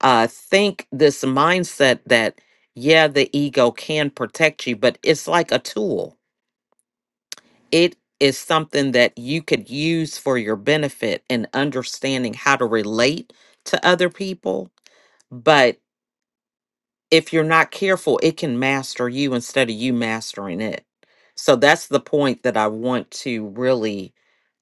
S1: uh, think this mindset that, yeah, the ego can protect you, but it's like a tool. It is something that you could use for your benefit in understanding how to relate to other people. But if you're not careful, it can master you instead of you mastering it. So that's the point that I want to really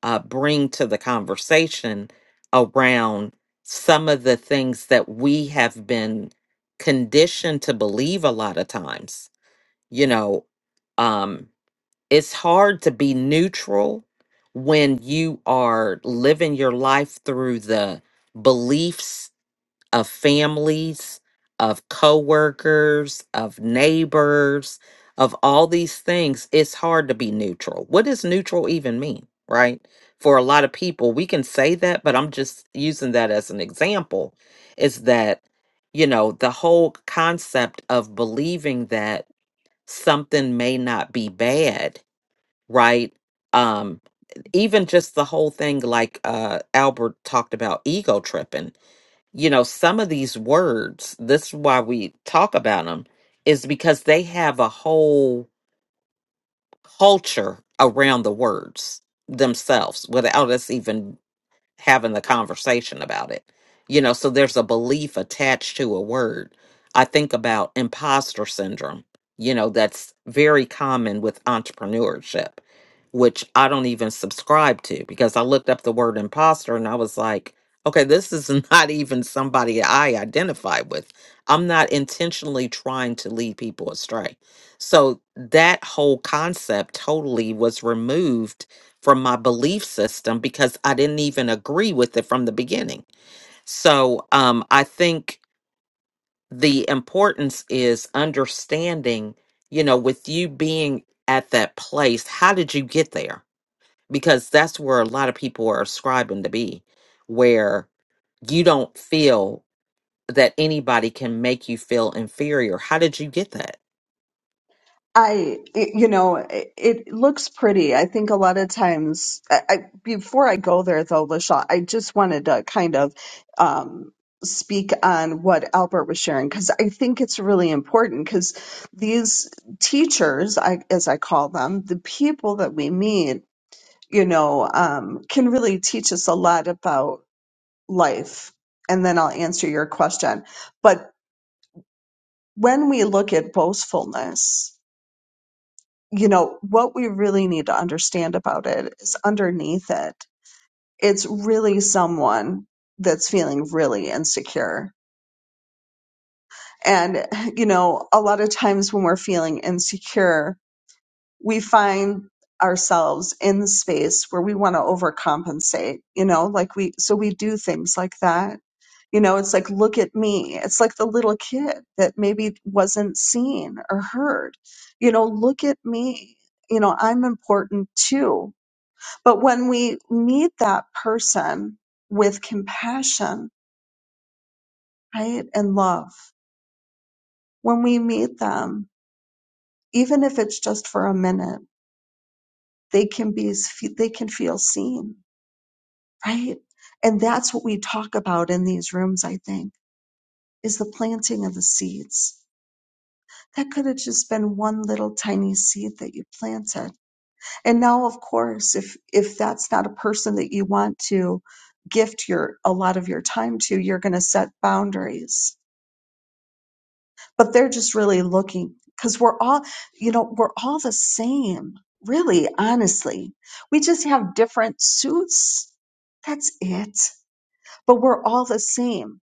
S1: uh, bring to the conversation around some of the things that we have been conditioned to believe a lot of times. You know, um, it's hard to be neutral when you are living your life through the beliefs of families, of coworkers, of neighbors, of all these things, it's hard to be neutral. What does neutral even mean, right? For a lot of people, we can say that, but I'm just using that as an example is that, you know, the whole concept of believing that something may not be bad, right? Um even just the whole thing like uh Albert talked about ego tripping you know, some of these words, this is why we talk about them, is because they have a whole culture around the words themselves without us even having the conversation about it. You know, so there's a belief attached to a word. I think about imposter syndrome, you know, that's very common with entrepreneurship, which I don't even subscribe to because I looked up the word imposter and I was like, okay, this is not even somebody I identify with. I'm not intentionally trying to lead people astray. So that whole concept totally was removed from my belief system because I didn't even agree with it from the beginning. So um, I think the importance is understanding, you know, with you being at that place, how did you get there? Because that's where a lot of people are ascribing to be, where you don't feel that anybody can make you feel inferior. How did you get that?
S2: I, it, you know, it, it looks pretty. I think a lot of times, I, I, before I go there though, LaShawn, I just wanted to kind of um, speak on what Albert was sharing because I think it's really important because these teachers, I, as I call them, the people that we meet, you know, um, can really teach us a lot about life. And then I'll answer your question. But when we look at boastfulness, you know, what we really need to understand about it is underneath it, it's really someone that's feeling really insecure. And, you know, a lot of times when we're feeling insecure, we find ourselves in the space where we want to overcompensate, you know, like we, so we do things like that. You know, it's like, look at me. It's like the little kid that maybe wasn't seen or heard. You know, look at me. You know, I'm important too But when we meet that person with compassion, right, and love, when we meet them, even if it's just for a minute, they can be, they can feel seen, right? And that's what we talk about in these rooms, I think, is the planting of the seeds. That could have just been one little tiny seed that you planted. And now, of course, if, if that's not a person that you want to gift your, a lot of your time to, you're going to set boundaries but they're just really looking because we're all you know we're all the same really honestly we just have different suits that's it but we're all the same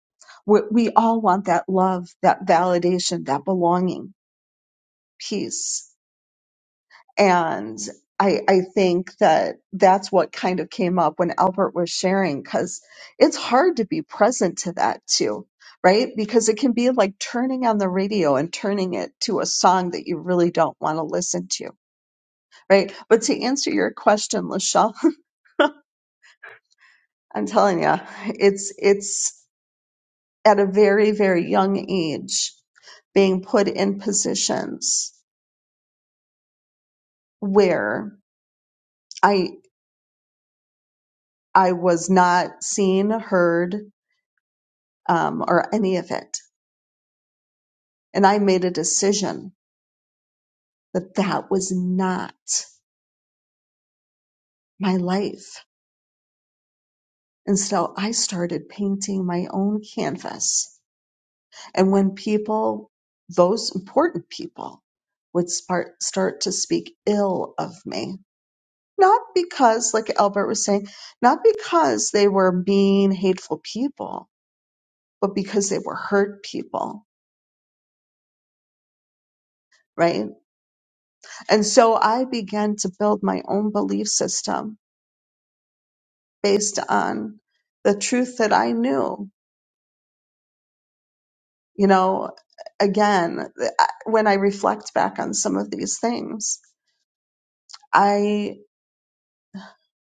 S2: we, we all want that love that validation that belonging peace and I, I think that that's what kind of came up when Albert was sharing, because it's hard to be present to that too, right? Because it can be like turning on the radio and turning it to a song that you really don't want to listen to, right? But to answer your question, Lachelle, I'm telling you, it's, it's at a very, very young age being put in positions where I, I was not seen, heard, um, or any of it. And I made a decision that that was not my life. And so I started painting my own canvas. And when people, those important people, would start, start to speak ill of me, not because, like Albert was saying, not because they were mean, hateful people, but because they were hurt people, right? And so I began to build my own belief system based on the truth that I knew. You know, again, I- when I reflect back on some of these things, I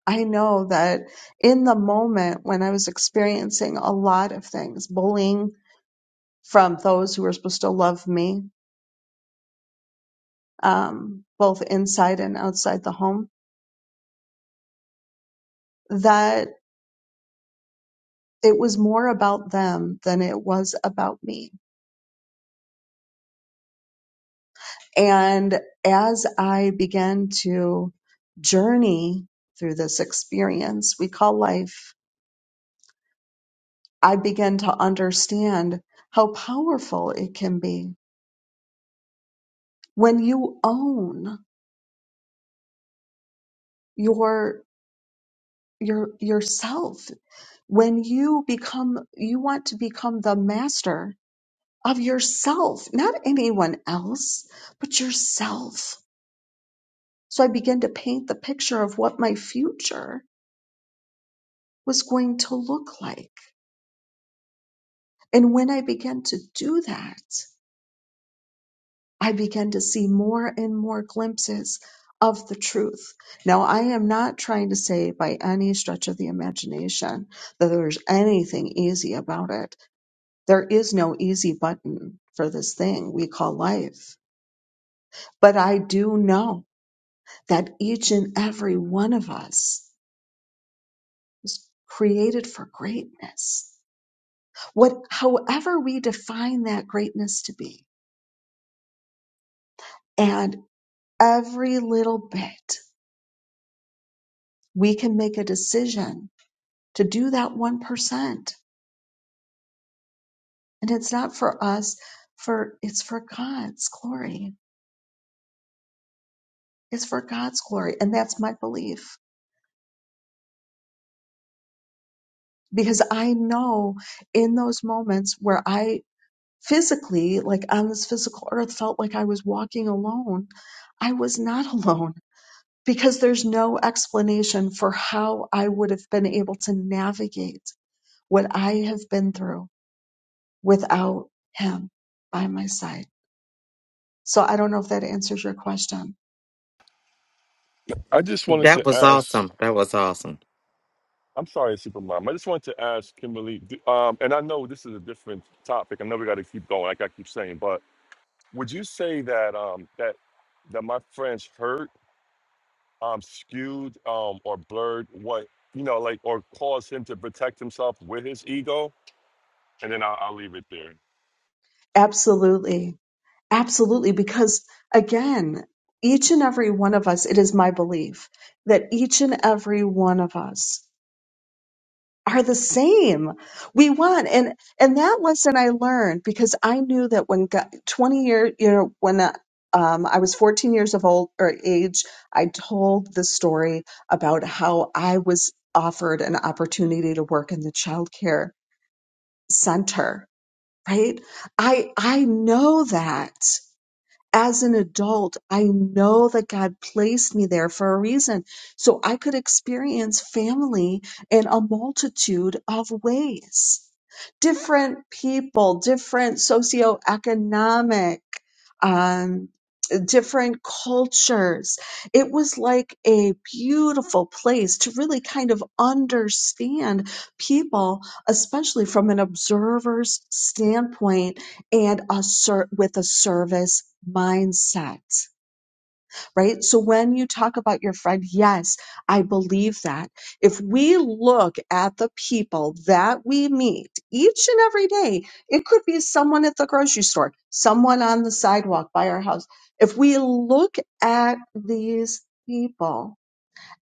S2: I know that in the moment when I was experiencing a lot of things, bullying from those who were supposed to love me, um, both inside and outside the home, that it was more about them than it was about me And as I began to journey through this experience we call life, I began to understand how powerful it can be when you own your your yourself when you become you want to become the master of yourself not anyone else but yourself so i began to paint the picture of what my future was going to look like And when I began to do that, I began to see more and more glimpses of the truth. Now, I am not trying to say by any stretch of the imagination that there's anything easy about it. There is no easy button for this thing we call life. But I do know that each and every one of us is created for greatness. What, however we define that greatness to be. And every little bit we can make a decision to do that 1% and it's not for us for it's for god's glory it's for god's glory and that's my belief because i know in those moments where i physically like on this physical earth felt like i was walking alone i was not alone because there's no explanation for how i would have been able to navigate what i have been through without him by my side So I don't know if that answers your question.
S4: I just wanted
S1: That
S4: to
S1: was
S4: ask.
S1: awesome. That was awesome.
S4: I'm sorry, Supermom. I just wanted to ask Kimberly. d- Um, and I know this is a different topic. I know we got to keep going, like I keep saying. But would you say that um, that that my friend's hurt um, skewed um, or blurred what you know, like, or caused him to protect himself with his ego? And then I'll, I'll leave it there.
S2: Absolutely. Absolutely. Because again, each and every one of us, it is my belief that each and every one of us are the same. We want, and, and that lesson I learned because I knew that when God, 20 years, you know, when uh, um, I was 14 years of old or age, I told the story about how I was offered an opportunity to work in the childcare center right i i know that as an adult i know that god placed me there for a reason so i could experience family in a multitude of ways different people different socioeconomic um, different cultures. It was like a beautiful place to really kind of understand people, especially from an observer's standpoint and a ser- with a service mindset right? So when you talk about your friend, yes, I believe that. If we look at the people that we meet each and every day, it could be someone at the grocery store, someone on the sidewalk by our house. If we look at these people,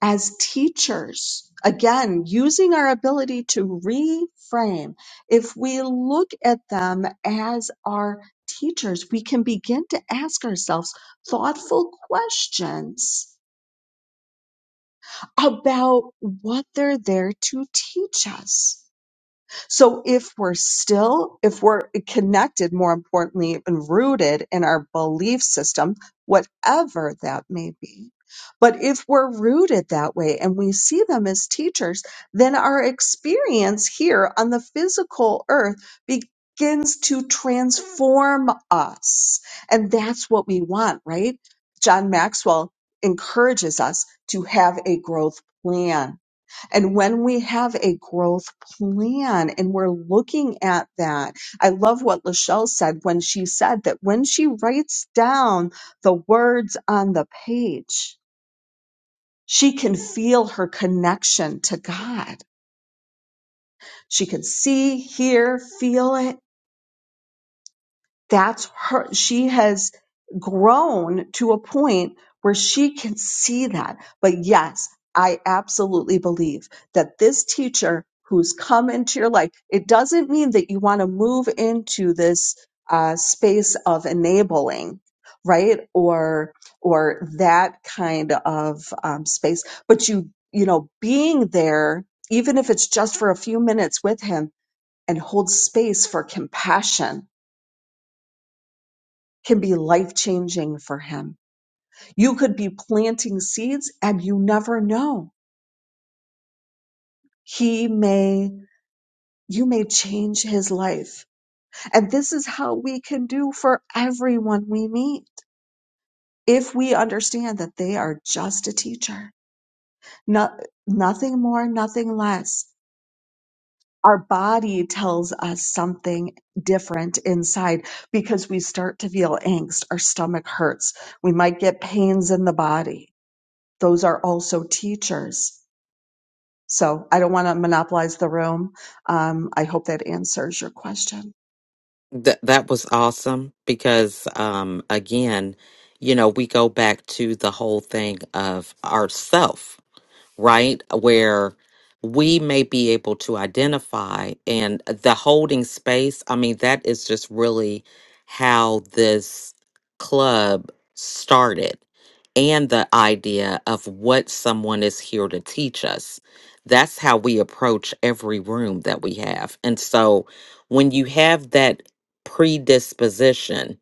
S2: as teachers, again, using our ability to reframe, if we look at them as our teachers, we can begin to ask ourselves thoughtful questions about what they're there to teach us. So if we're still, if we're connected, more importantly, and rooted in our belief system, whatever that may be, but if we're rooted that way and we see them as teachers, then our experience here on the physical earth begins to transform us. And that's what we want, right? John Maxwell encourages us to have a growth plan and when we have a growth plan and we're looking at that, I love what Lachelle said when she said that when she writes down the words on the page, she can feel her connection to God. She can see, hear, feel it that's her she has grown to a point where she can see that but yes i absolutely believe that this teacher who's come into your life it doesn't mean that you want to move into this uh, space of enabling right or or that kind of um, space but you you know being there even if it's just for a few minutes with him and hold space for compassion can be life changing for him. You could be planting seeds and you never know. He may, you may change his life. And this is how we can do for everyone we meet. If we understand that they are just a teacher, not, nothing more, nothing less. Our body tells us something different inside because we start to feel angst. Our stomach hurts. We might get pains in the body those are also teachers. So I don't want to monopolize the room. Um, I hope that answers your question.
S1: That that was awesome because um again, you know, we go back to the whole thing of ourself right? Where we may be able to identify and the holding space. I mean, that is just really how this club started and the idea of what someone is here to teach us. That's how we approach every room that we have. And so when you have that predisposition,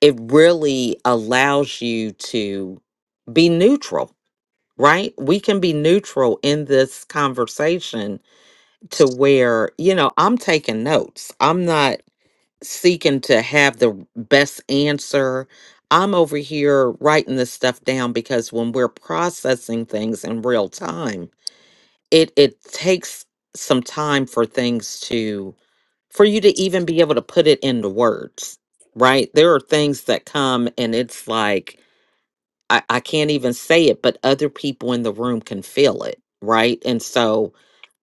S1: it really allows you to be neutral right? We can be neutral in this conversation to where, you know, I'm taking notes. I'm not seeking to have the best answer. I'm over here writing this stuff down because when we're processing things in real time, it it takes some time for things to for you to even be able to put it into words, right? There are things that come and it's like I, I can't even say it, but other people in the room can feel it, right? And so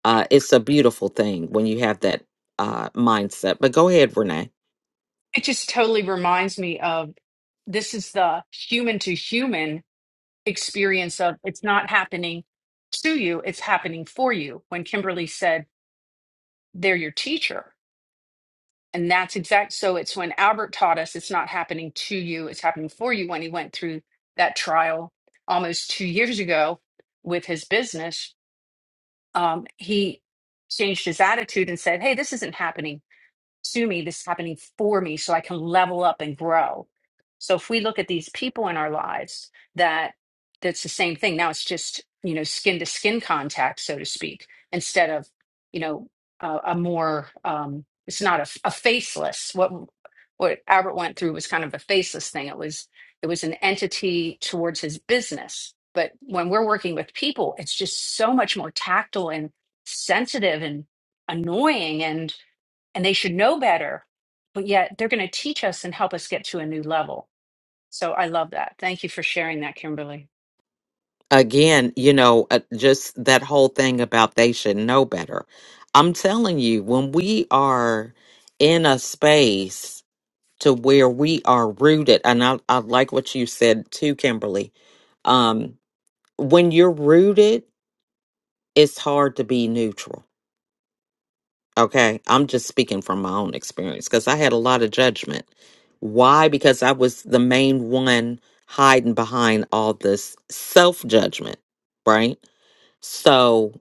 S1: uh, it's a beautiful thing when you have that uh, mindset. But go ahead, Renee.
S5: it just totally reminds me of this is the human to human experience of it's not happening to you it's happening for you when kimberly said they're your teacher and that's exact so it's when albert taught us it's not happening to you it's happening for you when he went through that trial almost two years ago with his business um, he changed his attitude and said hey this isn't happening to me, this is happening for me so I can level up and grow. So if we look at these people in our lives that that's the same thing. Now it's just, you know, skin to skin contact, so to speak, instead of, you know, a, a more um it's not a, a faceless what what Albert went through was kind of a faceless thing. It was it was an entity towards his business. But when we're working with people, it's just so much more tactile and sensitive and annoying. and and they should know better, but yet they're going to teach us and help us get to a new level. So I love that. Thank you for sharing that, Kimberly.
S1: Again, you know, uh, just that whole thing about they should know better. I'm telling you, when we are in a space to where we are rooted, and I, I like what you said too, Kimberly. Um, when you're rooted, it's hard to be neutral Okay, I'm just speaking from my own experience because I had a lot of judgment. Why? Because I was the main one hiding behind all this self judgment, right? So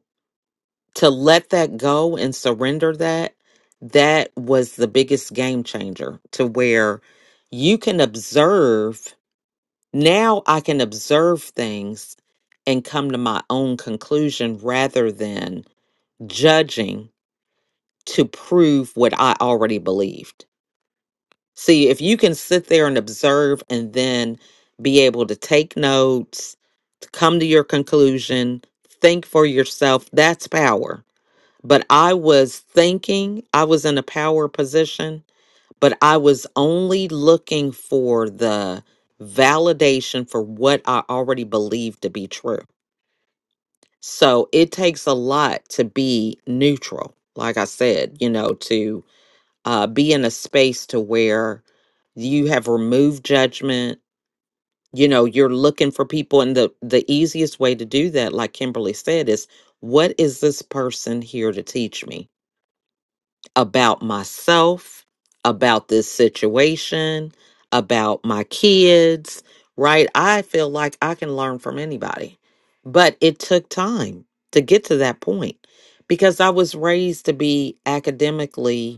S1: to let that go and surrender that, that was the biggest game changer to where you can observe. Now I can observe things and come to my own conclusion rather than judging to prove what I already believed. See, if you can sit there and observe and then be able to take notes, to come to your conclusion, think for yourself, that's power. But I was thinking, I was in a power position, but I was only looking for the validation for what I already believed to be true. So it takes a lot to be neutral, like I said, you know, to uh, be in a space to where you have removed judgment you know you're looking for people and the the easiest way to do that like kimberly said is what is this person here to teach me about myself about this situation about my kids right i feel like i can learn from anybody but it took time to get to that point because i was raised to be academically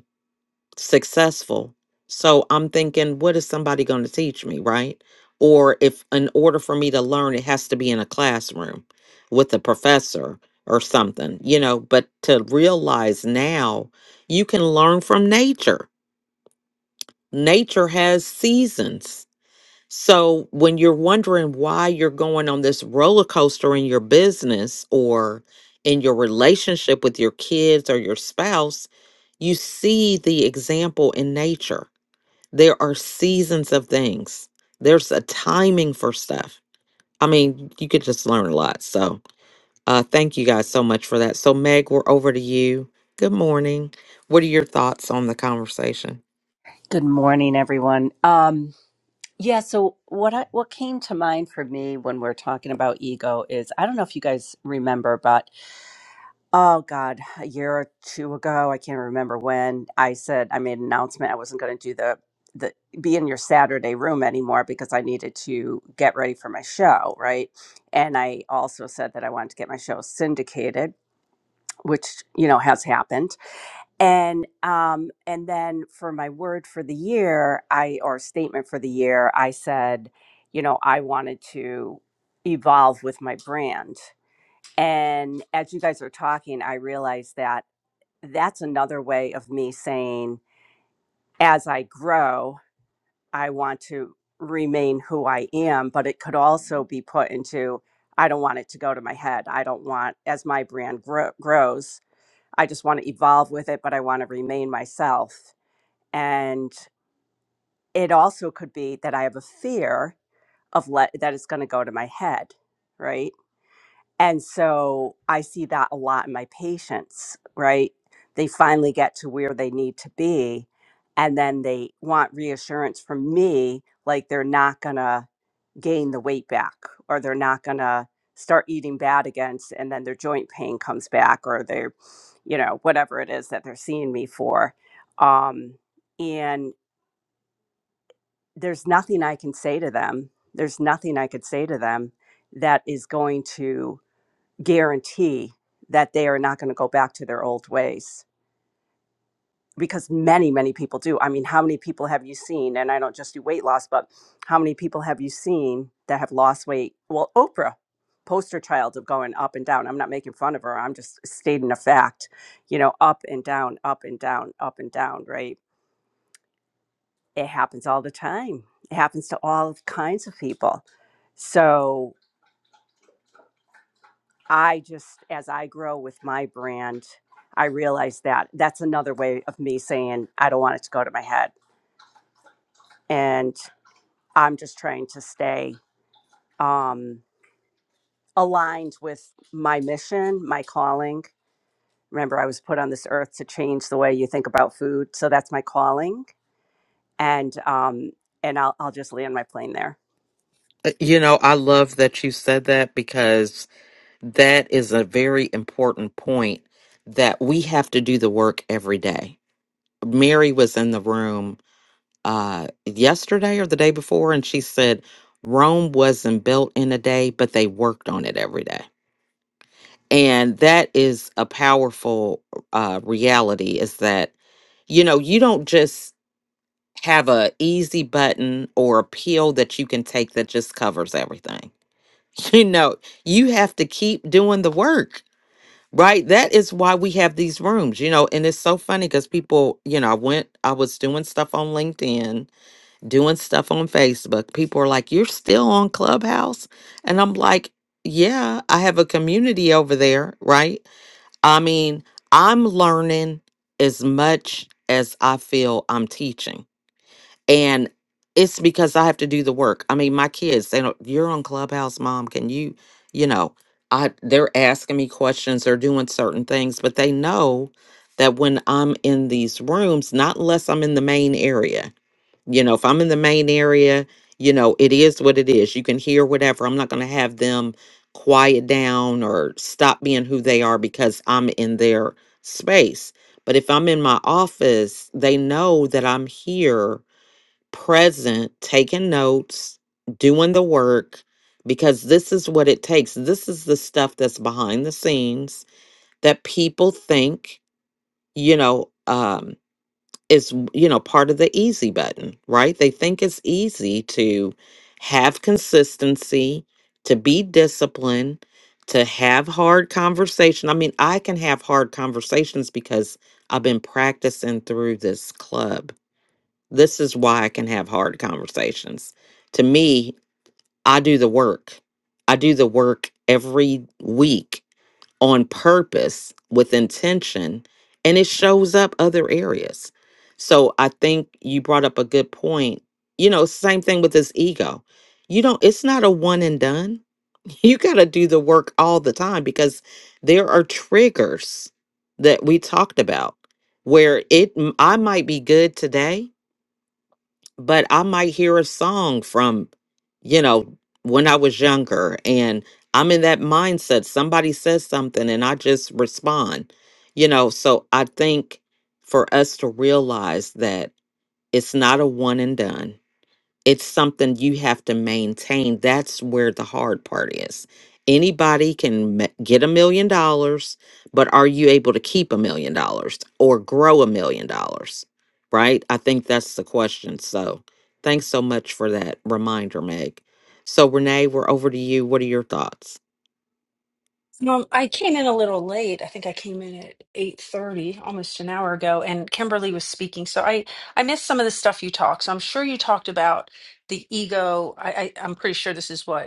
S1: successful. So I'm thinking, what is somebody going to teach me, right? Or if in order for me to learn, it has to be in a classroom with a professor or something, you know. But to realize now, you can learn from nature. Nature has seasons. So when you're wondering why you're going on this roller coaster in your business or in your relationship with your kids or your spouse, you see the example in nature there are seasons of things. There's a timing for stuff. I mean, you could just learn a lot. So, uh, thank you guys so much for that. So, Meg, we're over to you. Good morning. What are your thoughts on the conversation?
S6: Good morning, everyone. Um, yeah, so what I what came to mind for me when we're talking about ego is I don't know if you guys remember, but oh God, a year or two ago, I can't remember when I said I made an announcement I wasn't going to do the the be in your Saturday room anymore because I needed to get ready for my show, right? And I also said that I wanted to get my show syndicated, which you know has happened and um and then for my word for the year i or statement for the year i said you know i wanted to evolve with my brand and as you guys are talking i realized that that's another way of me saying as i grow i want to remain who i am but it could also be put into i don't want it to go to my head i don't want as my brand grow, grows I just want to evolve with it, but I want to remain myself and it also could be that i have a fear of let that it's going to go to my head right and so i see that a lot in my patients right they finally get to where they need to be and then they want reassurance from me like they're not going to gain the weight back or they're not going to start eating bad again s- and then their joint pain comes back or they're you know whatever it is that they're seeing me for um there's nothing I can say to them. There's nothing I could say to them that is going to guarantee that they are not going to go back to their old ways because many, many people do. I mean, how many people have you seen? And I don't just do weight loss, but how many people have you seen that have lost weight? Well, Oprah, poster child of going up and down. I'm not making fun of her. I'm just stating a fact, you know, up and down, up and down, up and down, right? it happens all the time. It happens to all kinds of people. So I just, as I grow with my brand, I realize that that's another way of me saying I don't want it to go to my head, and I'm just trying to stay um, aligned with my mission, my calling. Remember, I was put on this earth to change the way you think about food, so that's my calling, and um, and I'll I'll just land my plane there.
S1: Uh, You know, I love that you said that because that is a very important point that we have to do the work every day. Mary was in the room uh yesterday or the day before and she said Rome wasn't built in a day but they worked on it every day and that is a powerful uh reality is that you know you don't just have a easy button or a pill that you can take that just covers everything you know you have to keep doing the work right that is why we have these rooms you know and it's so funny because people you know i went i was doing stuff on linkedin doing stuff on Facebook. People are like, You're still on Clubhouse? And I'm like, Yeah, I have a community over there, right? I mean, I'm learning as much as I feel I'm teaching. And it's because I have to do the work. I mean, my kids, they don't, you're on Clubhouse, mom. Can you, you know, I they're asking me questions, they're doing certain things, but they know that when I'm in these rooms, not unless I'm in the main area, you know if i'm in the main area you know it is what it is you can hear whatever i'm not going to have them quiet down or stop being who they are because i'm in their space but if i'm in my office they know that i'm here present taking notes doing the work because this is what it takes this is the stuff that's behind the scenes that people think you know um, is you know part of the easy button right they think it's easy to have consistency to be disciplined to have hard conversation i mean i can have hard conversations because i've been practicing through this club this is why i can have hard conversations to me i do the work i do the work every week on purpose with intention and it shows up other areas so i think you brought up a good point you know same thing with this ego you don't it's not a one and done you got to do the work all the time because there are triggers that we talked about where it m- i might be good today but I might hear a song from, you know, when I was younger and I'm in that mindset. Somebody says something and I just respond, you know. So I think for us to realize that it's not a one and done, it's something you have to maintain. That's where the hard part is. Anybody can ma- get a million dollars, but are you able to keep a million dollars or grow a million dollars? Right? I think that's the question. So thanks so much for that reminder, Meg. So, Renee, we're over to you. What are your thoughts?
S5: Um, I came in a little late. I think I came in at 8:30, almost an hour ago, and Kimberly was speaking. So I I missed some of the stuff you talked. So I'm sure you talked about the ego. I, I I'm pretty sure this is what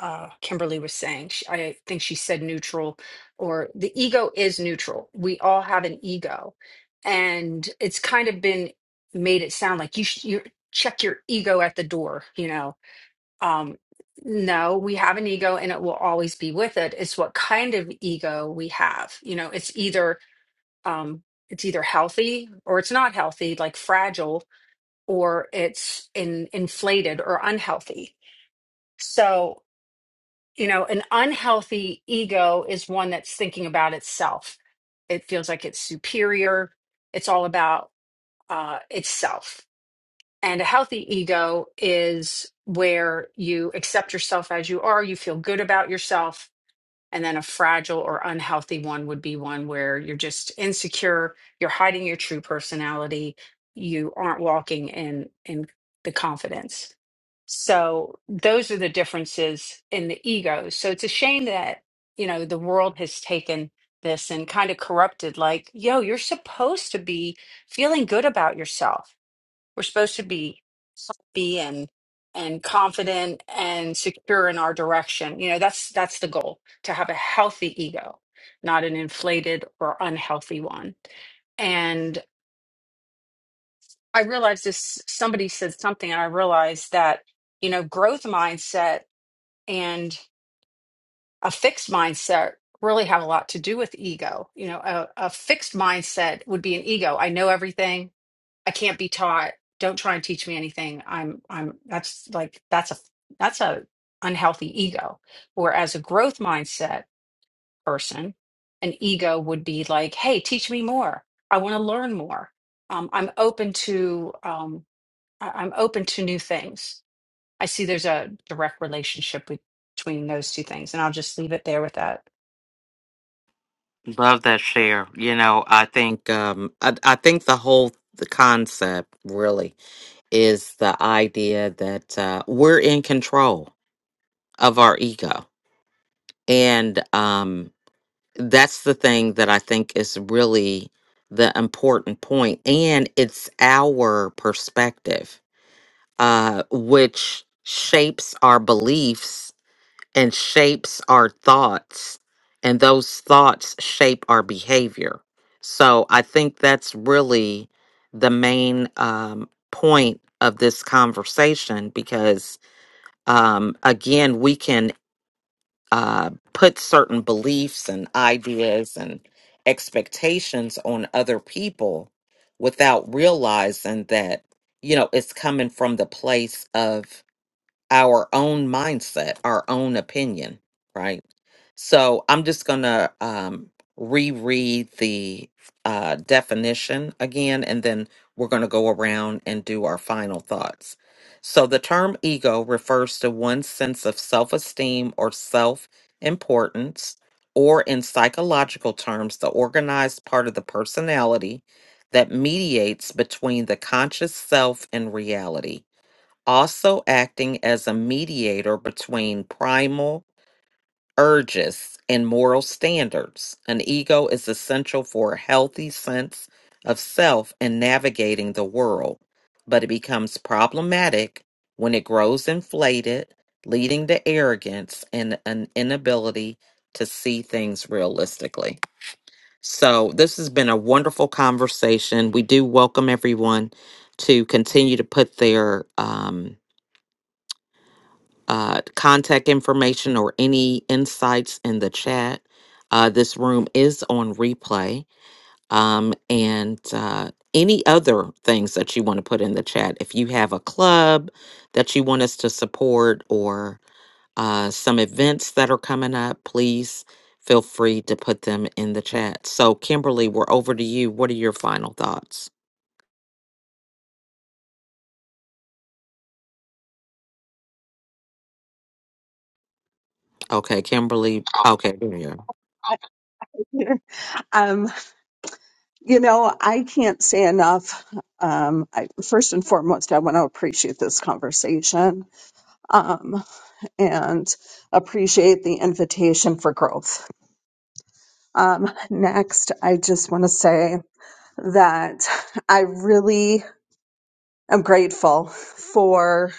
S5: uh, Kimberly was saying. She, I think she said neutral, or the ego is neutral. We all have an ego, and it's kind of been made it sound like you sh- you check your ego at the door. You know, um, no, we have an ego, and it will always be with it. It's what kind of ego we have. You know, it's either um, it's either healthy or it's not healthy, like fragile, or it's in, inflated or unhealthy. So you know, an unhealthy ego is one that's thinking about itself. It feels like it's superior. It's all about uh, itself. And a healthy ego is where you accept yourself as you are, you feel good about yourself, and then a fragile or unhealthy one would be one where you're just insecure, you're hiding your true personality, you aren't walking in in the confidence. So those are the differences in the egos. So it's a shame that, you know, the world has taken this and kind of corrupted like, yo, you're supposed to be feeling good about yourself. We're supposed to be happy and and confident and secure in our direction. You know, that's that's the goal to have a healthy ego, not an inflated or unhealthy one. And I realized this somebody said something and I realized that, you know, growth mindset and a fixed mindset really have a lot to do with ego. You know, a, a fixed mindset would be an ego. I know everything. I can't be taught. Don't try and teach me anything. I'm I'm that's like that's a that's a unhealthy ego. Whereas a growth mindset person, an ego would be like, hey, teach me more. I want to learn more. Um, I'm open to um, I- I'm open to new things. I see there's a direct relationship be- between those two things, and I'll just leave it there with that.
S1: Love that share. You know, I think um I, I think the whole the concept really is the idea that uh, we're in control of our ego. And um, that's the thing that I think is really the important point. And it's our perspective, uh, which shapes our beliefs and shapes our thoughts. And those thoughts shape our behavior. So I think that's really the main um, point of this conversation because um, again, we can uh, put certain beliefs and ideas and expectations on other people without realizing that you know it's coming from the place of our own mindset, our own opinion, right? So I'm just going to um, reread the uh, definition again, and then we're going to go around and do our final thoughts. So the term ego refers to one's sense of self esteem or self importance, or in psychological terms, the organized part of the personality that mediates between the conscious self and reality also acting as a mediator between primal urges and moral standards. An ego is essential for a healthy sense of self and navigating the world, but it becomes problematic when it grows inflated, leading to arrogance and an inability to see things realistically. So, this has been a wonderful conversation. We do welcome everyone to continue to put their um, uh, contact information or any insights in the chat. Uh, this room is on replay. Um, and uh, any other things that you want to put in the chat. If you have a club that you want us to support or uh, some events that are coming up, please feel free to put them in the chat. So, Kimberly, we're over to you. What are your final thoughts? Okay, Kimberly. Okay, there you
S2: um, you know, I can't say enough. Um, I, first and foremost, I want to appreciate this conversation um, and appreciate the invitation for growth. Um, next, I just want to say that I really am grateful for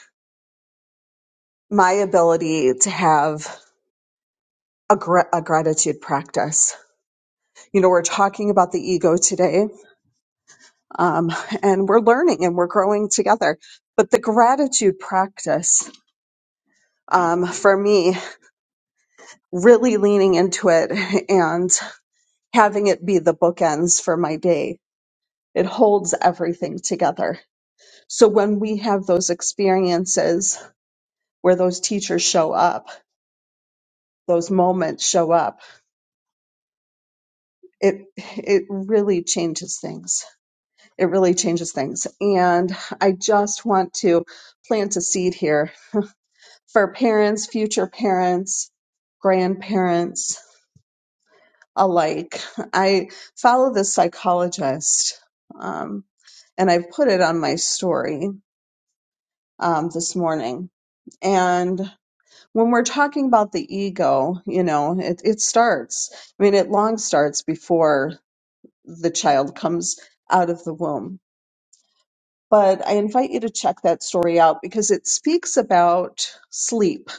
S2: my ability to have a, gra- a gratitude practice. You know, we're talking about the ego today, um, and we're learning and we're growing together. But the gratitude practice, um, for me, really leaning into it and having it be the bookends for my day. It holds everything together. So when we have those experiences where those teachers show up, those moments show up, it it really changes things it really changes things. And I just want to plant a seed here for parents, future parents, grandparents alike. I follow this psychologist, um, and I've put it on my story um, this morning. And when we're talking about the ego, you know, it, it starts. I mean, it long starts before the child comes out of the womb But I invite you to check that story out because it speaks about sleep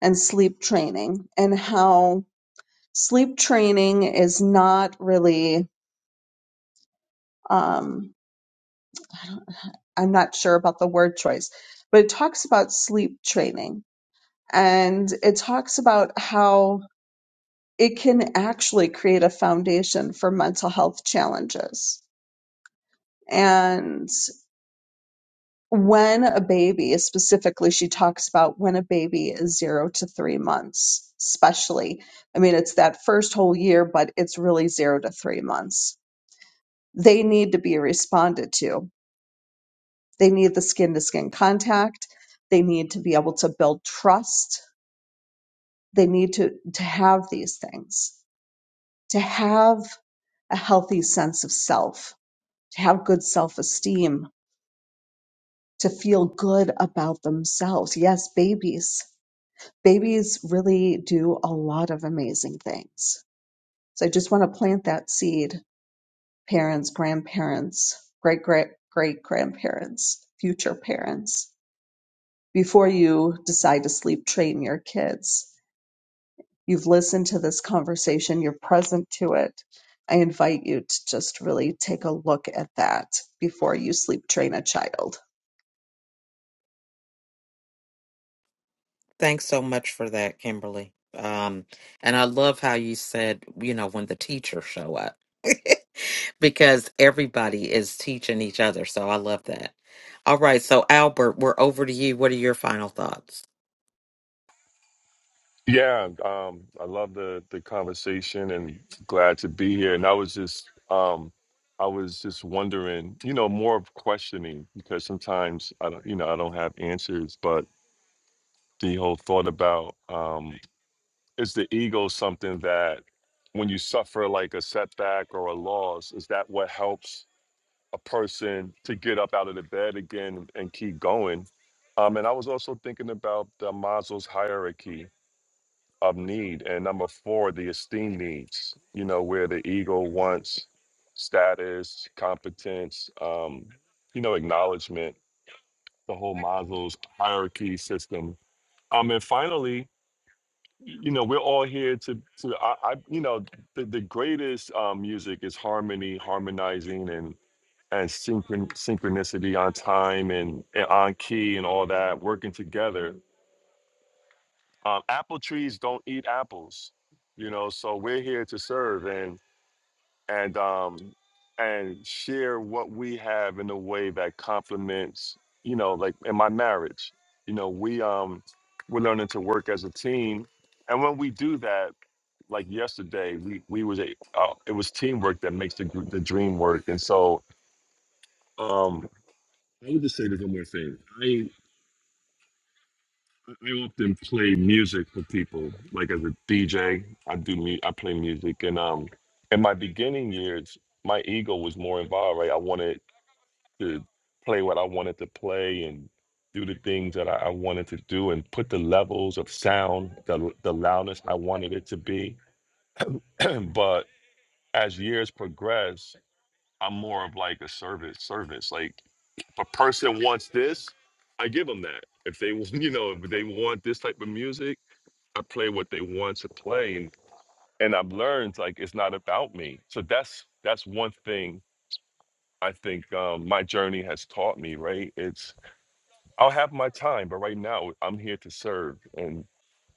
S2: and sleep training and how sleep training is not really, um, I'm not sure about the word choice, but it talks about sleep training and it talks about how it can actually create a foundation for mental health challenges. And when a baby specifically she talks about when a baby is zero to three months especially i mean it's that first whole year but it's really zero to three months they need to be responded to they need the skin to skin contact they need to be able to build trust they need to to have these things to have a healthy sense of self to have good self esteem to feel good about themselves yes babies babies really do a lot of amazing things. So I just want to plant that seed, parents, grandparents, great great great grandparents, future parents, before you decide to sleep train your kids. You've listened to this conversation, you're present to it. I invite you to just really take a look at that before you sleep train a child.
S1: Thanks so much for that, Kimberly. Um, and I love how you said, you know, when the teachers show up, because everybody is teaching each other. So I love that. All right. So, Albert, we're over to you. What are your final thoughts?
S4: Yeah, um, I love the the conversation and glad to be here. And I was just um, I was just wondering, you know, more of questioning because sometimes I don't, you know, I don't have answers. But the whole thought about um, is the ego something that when you suffer like a setback or a loss, is that what helps a person to get up out of the bed again and keep going? Um, and I was also thinking about the Maslow's hierarchy of need. And number four, the esteem needs, you know, where the ego wants status, competence, um, you know, acknowledgement, the whole Maslow's hierarchy system. Um, and finally, you know, we're all here to, to I, I you know, the, the greatest um, music is harmony, harmonizing, and and synchron- synchronicity on time and, and on key and all that working together um, apple trees don't eat apples you know so we're here to serve and and um and share what we have in a way that complements you know like in my marriage you know we um we're learning to work as a team and when we do that like yesterday we we was a uh, it was teamwork that makes the gr- the dream work and so um i would just say there's one more thing I often play music for people, like as a DJ. I do me. I play music, and um, in my beginning years, my ego was more involved. Right, I wanted to play what I wanted to play and do the things that I, I wanted to do, and put the levels of sound, the the loudness I wanted it to be. but as years progress, I'm more of like a service. Service, like if a person wants this, I give them that. If they, you know, if they want this type of music I play what they want to play, and, and I've learned like it's not about me. So that's that's one thing I think um, my journey has taught me. Right? It's I'll have my time, but right now I'm here to serve, and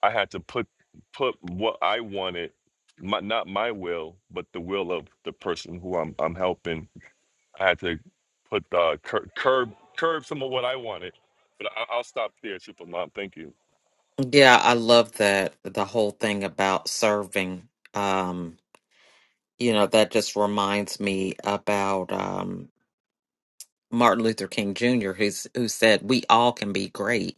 S4: I had to put put what I wanted, my, not my will, but the will of the person who I'm I'm helping. I had to put uh, cur- curb curb some of what I wanted. But I- I'll stop there, Supermom. Thank you.
S1: Yeah, I love that the whole thing about serving. Um, you know, that just reminds me about um Martin Luther King Jr. who's who said we all can be great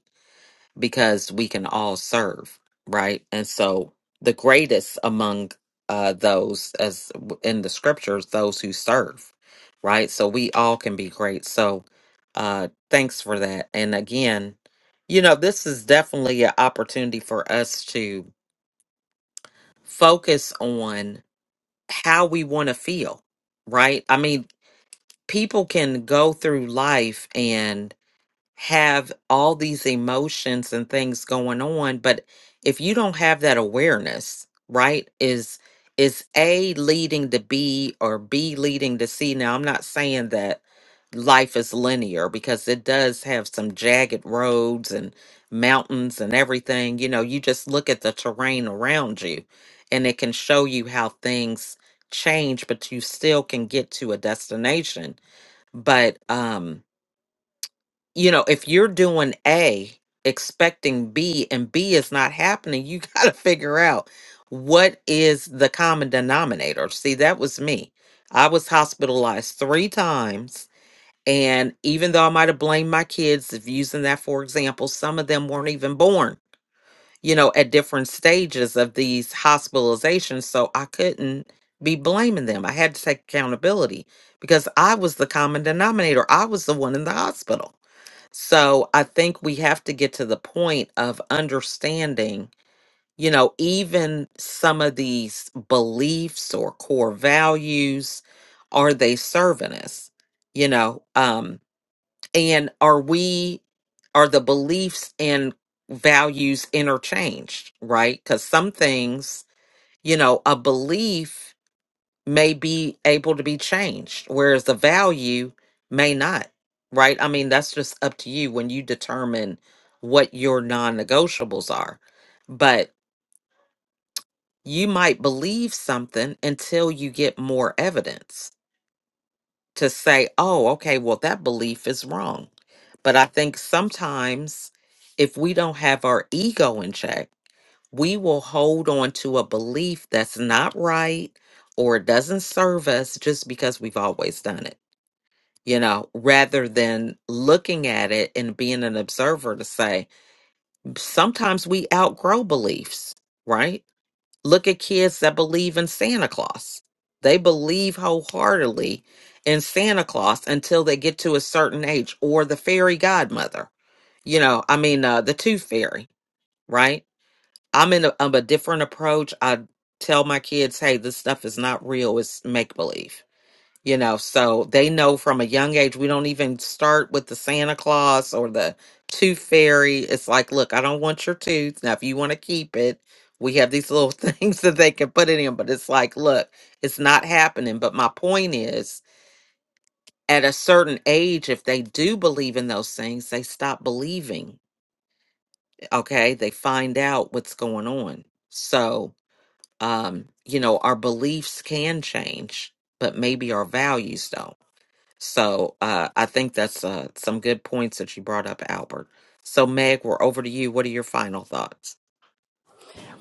S1: because we can all serve, right? And so the greatest among uh those as w- in the scriptures, those who serve, right? So we all can be great. So uh thanks for that. And again, you know, this is definitely an opportunity for us to focus on how we want to feel, right? I mean, people can go through life and have all these emotions and things going on but if you don't have that awareness right is is a leading to b or b leading to c now i'm not saying that life is linear because it does have some jagged roads and mountains and everything you know you just look at the terrain around you and it can show you how things change but you still can get to a destination but um you know, if you're doing A expecting B and B is not happening, you got to figure out what is the common denominator. See, that was me. I was hospitalized three times. And even though I might have blamed my kids, if using that for example, some of them weren't even born, you know, at different stages of these hospitalizations. So I couldn't be blaming them. I had to take accountability because I was the common denominator. I was the one in the hospital so I think we have to get to the point of understanding, you know, even some of these beliefs or core values, are they serving us? You know, um, and are we, are the beliefs and values interchanged, right? Because some things, you know, a belief may be able to be changed, whereas the value may not, right? I mean, that's just up to you when you determine what your non negotiables are. But you might believe something until you get more evidence to say, oh, okay, well, that belief is wrong. But I think sometimes if we don't have our ego in check, we will hold on to a belief that's not right or it doesn't serve us just because we've always done it. you know, rather than looking at it and being an observer to say, sometimes we outgrow beliefs, right? Look at kids that believe in Santa Claus. They believe wholeheartedly in Santa Claus until they get to a certain age or the fairy godmother, you know, I mean, uh, the tooth fairy, right? I'm in a, I'm a different approach. I tell my kids, hey, this stuff is not real, it's make believe you know so they know from a young age we don't even start with the santa claus or the tooth fairy it's like look i don't want your tooth now if you want to keep it we have these little things that they can put it in but it's like look it's not happening but my point is at a certain age if they do believe in those things they stop believing okay they find out what's going on so um you know our beliefs can change but maybe our values don't so uh, I think that's uh, some good points that you brought up, Albert. So, Meg, we're over to you. What are your final thoughts?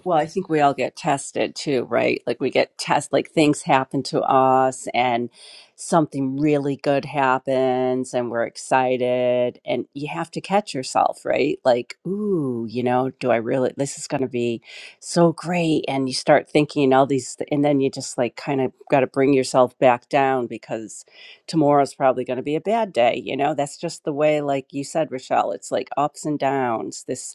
S6: Well, I think we all get tested too, right? Like we get test like things happen to us and something really good happens and we're excited and you have to catch yourself, right? Like, ooh, you know, do I really this is going to be so great and you start thinking all these th- and then you just like kind of got to bring yourself back down because tomorrow's probably going to be a bad day, you know? That's just the way like you said, Rochelle, it's like ups and downs. This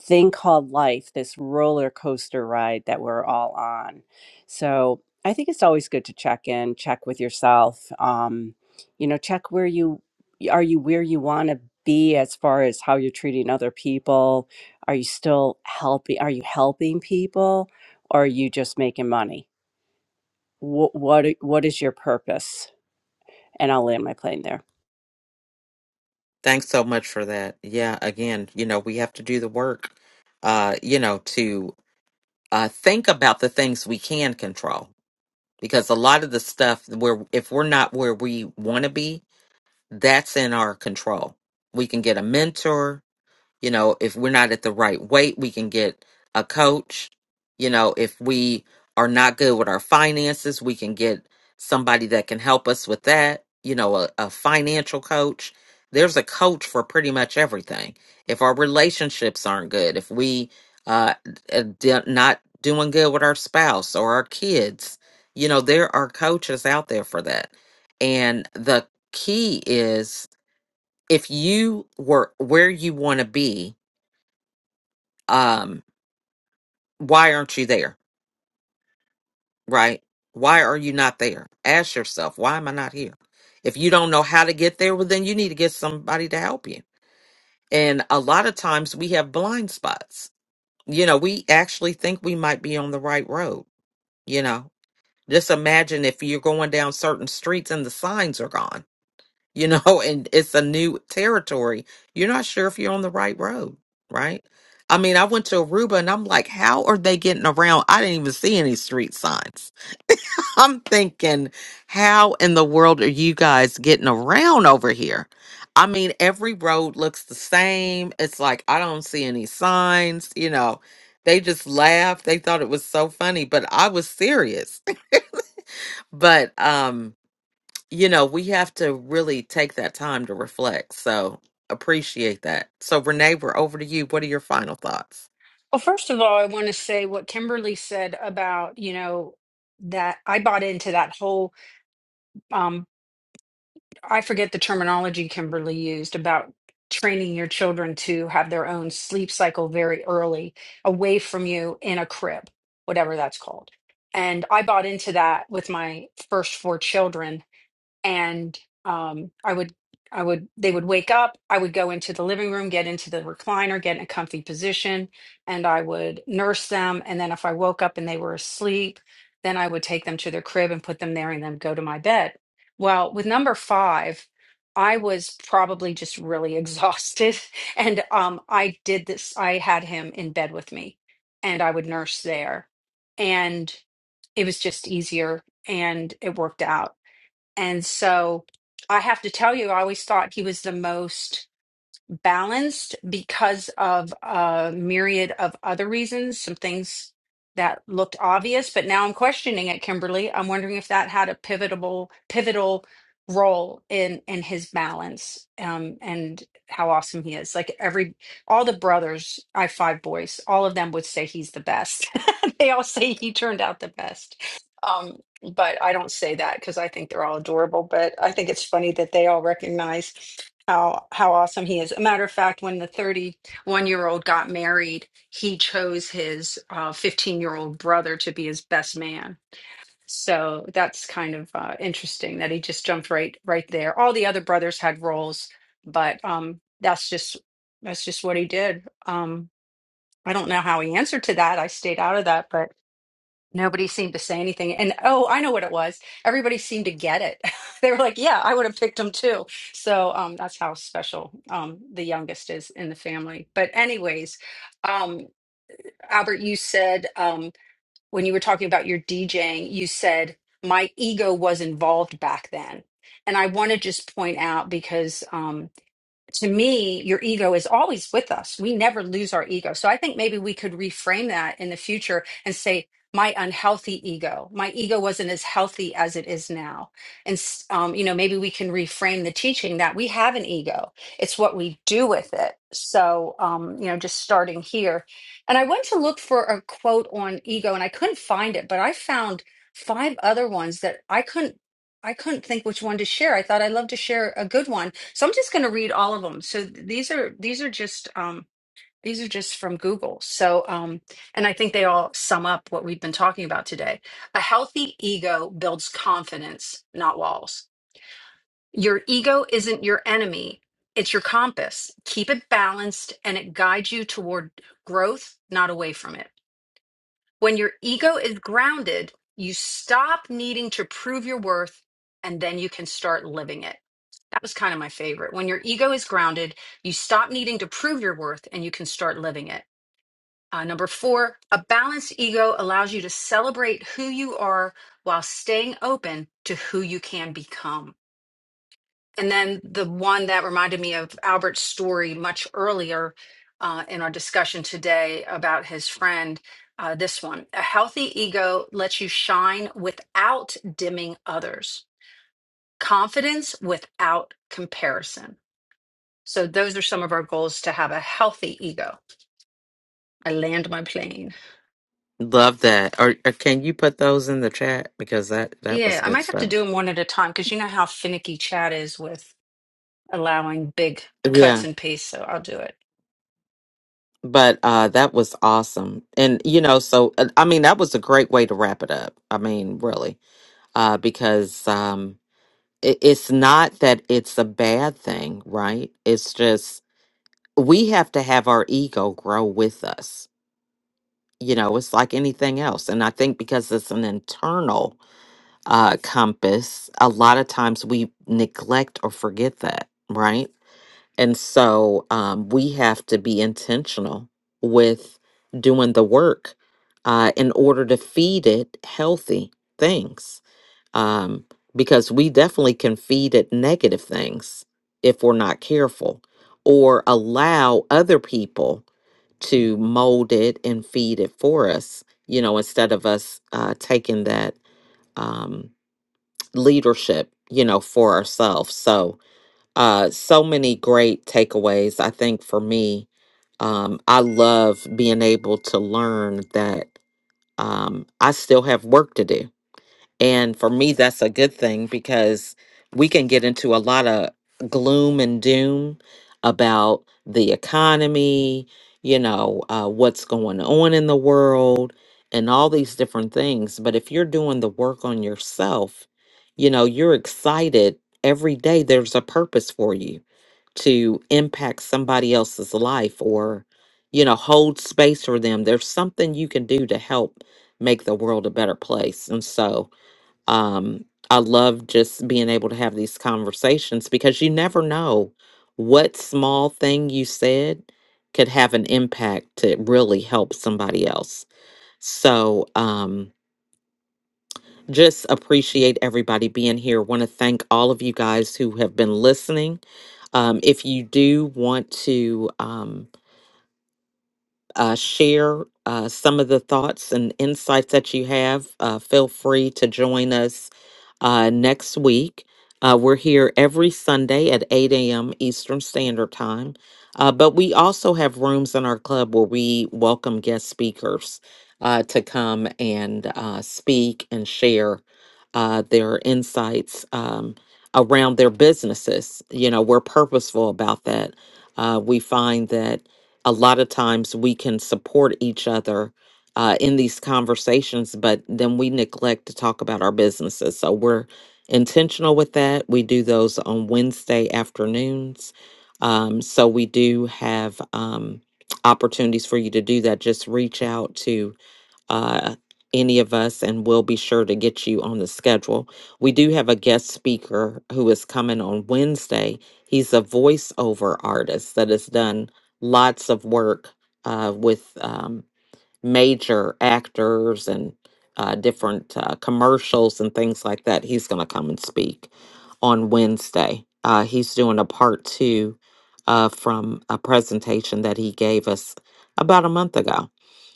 S6: thing called life, this roller coaster ride that we're all on. So I think it's always good to check in, check with yourself. Um, you know, check where you are. You where you want to be as far as how you're treating other people. Are you still helping? Are you helping people, or are you just making money? What what i- what is your purpose? And I'll land my plane there.
S1: Thanks so much for that. Yeah, again, you know, we have to do the work, uh, you know, to uh, think about the things we can control because a lot of the stuff where if we're not where we want to be, that's in our control. We can get a mentor, You know, if we're not at the right weight, we can get a coach. You know, if we are not good with our finances, we can get somebody that can help us with that. You know, a, a financial coach. There's a coach for pretty much everything. If our relationships aren't good, if we uh, uh, d- not doing good with our spouse or our kids, you know, there are coaches out there for that. And the key is if you were where you want to be, um why aren't you there right why are you not there ask yourself why am i not here if you don't know how to get there well then you need to get somebody to help you and a lot of times we have blind spots you know we actually think we might be on the right road you know just imagine if you're going down certain streets and the signs are gone you know, and it's a new territory. You're not sure if you're on the right road, right? I mean, I went to Aruba and I'm like, how are they getting around? I didn't even see any street signs. I'm thinking, how in the world are you guys getting around over here? I mean, every road looks the same. It's like, I don't see any signs, you know. They just laughed. They thought it was so funny, but I was serious. But um you know, we have to really take that time to reflect. So appreciate that. So Renee, we're over to you. What are your final thoughts?
S5: Well, first of all, I want to say what Kimberly said about you know that I bought into that whole I forget the terminology Kimberly used about training your children to have their own sleep cycle very early, away from you in a crib, whatever that's called. And I bought into that with my first four children and um, I would I would they would wake up. I would go into the living room, get into the recliner, get in a comfy position, and I would nurse them. And then if I woke up and they were asleep, then I would take them to their crib and put them there, and then go to my bed. Well, with number five. I was probably just really exhausted. And um, I did this, I had him in bed with me and I would nurse there. And it was just easier and it worked out and so I have to tell you, I always thought he was the most balanced because of a myriad of other reasons, some things that looked obvious, but now I'm questioning it, Kimberly. I'm wondering if that had a pivotal pivotal role in in his balance um and how awesome he is. Like every all the brothers, I have five boys, all of them would say he's the best. they all say he turned out the best. Um but I don't say that because I think they're all adorable, but I think it's funny that they all recognize how how awesome he is. A matter of fact, when the 31 year old got married, he chose his uh, 15 year old brother to be his best man. So that's kind of uh, interesting that he just jumped right right there. All the other brothers had roles, but um, that's just that's just what he did. Um, I don't know how he answered to that. I stayed out of that, but Nobody seemed to say anything. And oh, I know what it was. Everybody seemed to get it. They were like, yeah, I would have picked him too. So um, that's how special um, the youngest is in the family. But, anyways, um, Albert, you said um, when you were talking about your DJing, you said my ego was involved back then. And I want to just point out because um, to me, your ego is always with us. We never lose our ego. So I think maybe we could reframe that in the future and say, my unhealthy ego, my ego wasn't as healthy as it is now. And, s- um, you know, maybe we can reframe the teaching that we have an ego, it's what we do with it. So, um, you know, just starting here. And I went to look for a quote on ego and I couldn't find it, but I found five other ones that I couldn't. I couldn't think which one to share. I thought I'd love to share a good one so I'm just going to read all of them. So th- these are these are just um, these are just from Google. So um, and I think they all sum up what we've been talking about today. A healthy ego builds confidence, not walls. Your ego isn't your enemy; it's your compass. Keep it balanced, and it guides you toward growth, not away from it. When your ego is grounded, you stop needing to prove your worth, and then you can start living it. That was kind of my favorite. When your ego is grounded, you stop needing to prove your worth and you can start living it. Uh, number four, a balanced ego allows you to celebrate who you are while staying open to who you can become. And then the one that reminded me of Albert's story much earlier uh, in our discussion today about his friend. Uh, this one, a healthy ego lets you shine without dimming others, confidence without comparison. So those are some of our goals to have a healthy ego. I land my plane.
S1: Love that. Or, or can you put those in the chat because that that was
S5: Yeah, I
S1: good
S5: might have to do
S1: stuff.
S5: them one at a time because you know how finicky Chad is with allowing big cuts
S1: Yeah,
S5: and pastes. So I'll do it.
S1: but uh that was awesome. And you know, so uh, I mean, that was a great way to wrap it up. I mean, really. Uh because um it, it's not that it's a bad thing, right? It's just we have to have our ego grow with us you know it's like anything else and i think because it's an internal uh compass a lot of times we neglect or forget that right and so um we have to be intentional with doing the work uh in order to feed it healthy things um because we definitely can feed it negative things if we're not careful or allow other people to mold it and feed it for us, you know, instead of us uh, taking that um, leadership, you know, for ourselves. So, uh, so many great takeaways. I think for me, um, I love being able to learn that um, I still have work to do and for me, that's a good thing because we can get into a lot of gloom and doom about the economy, you know, uh, what's going on in the world, and all these different things. But if you're doing the work on yourself, you know, you're excited every day. There's a purpose for you to impact somebody else's life or, you know, hold space for them. There's something you can do to help make the world a better place. And so, um, I love just being able to have these conversations because you never know what small thing you said could have an impact to really help somebody else. So, um, just appreciate everybody being here. Want to thank all of you guys who have been listening. Um, if you do want to, um, uh, share uh, some of the thoughts and insights that you have, uh, feel free to join us uh, next week. Uh, we're here every Sunday at 8 a.m. Eastern Standard Time. Uh, but we also have rooms in our club where we welcome guest speakers uh, to come and uh, speak and share uh, their insights um, around their businesses. You know, we're purposeful about that. Uh, we find that a lot of times we can support each other uh, in these conversations, but then we neglect to talk about our businesses. So we're intentional with that. We do those on Wednesday afternoons. Um, so we do have um, opportunities for you to do that. Just reach out to uh, any of us, and we'll be sure to get you on the schedule. We do have a guest speaker who is coming on Wednesday. He's a voiceover artist that has done lots of work uh, with um, major actors and uh, different uh, commercials and things like that. He's going to come and speak on Wednesday. Uh, he's doing a part two uh, from a presentation that he gave us about a month ago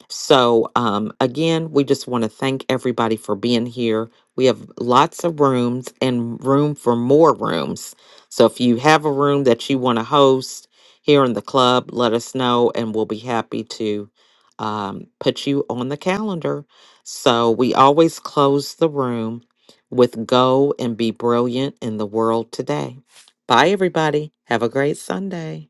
S1: so, um, again, we just want to thank everybody for being here. We have lots of rooms and room for more rooms. So, if you have a room that you want to host here in the club, let us know and we'll be happy to um, put you on the calendar. So, we always close the room with Go and Be Brilliant in the World Today. Bye, everybody. Have a great Sunday.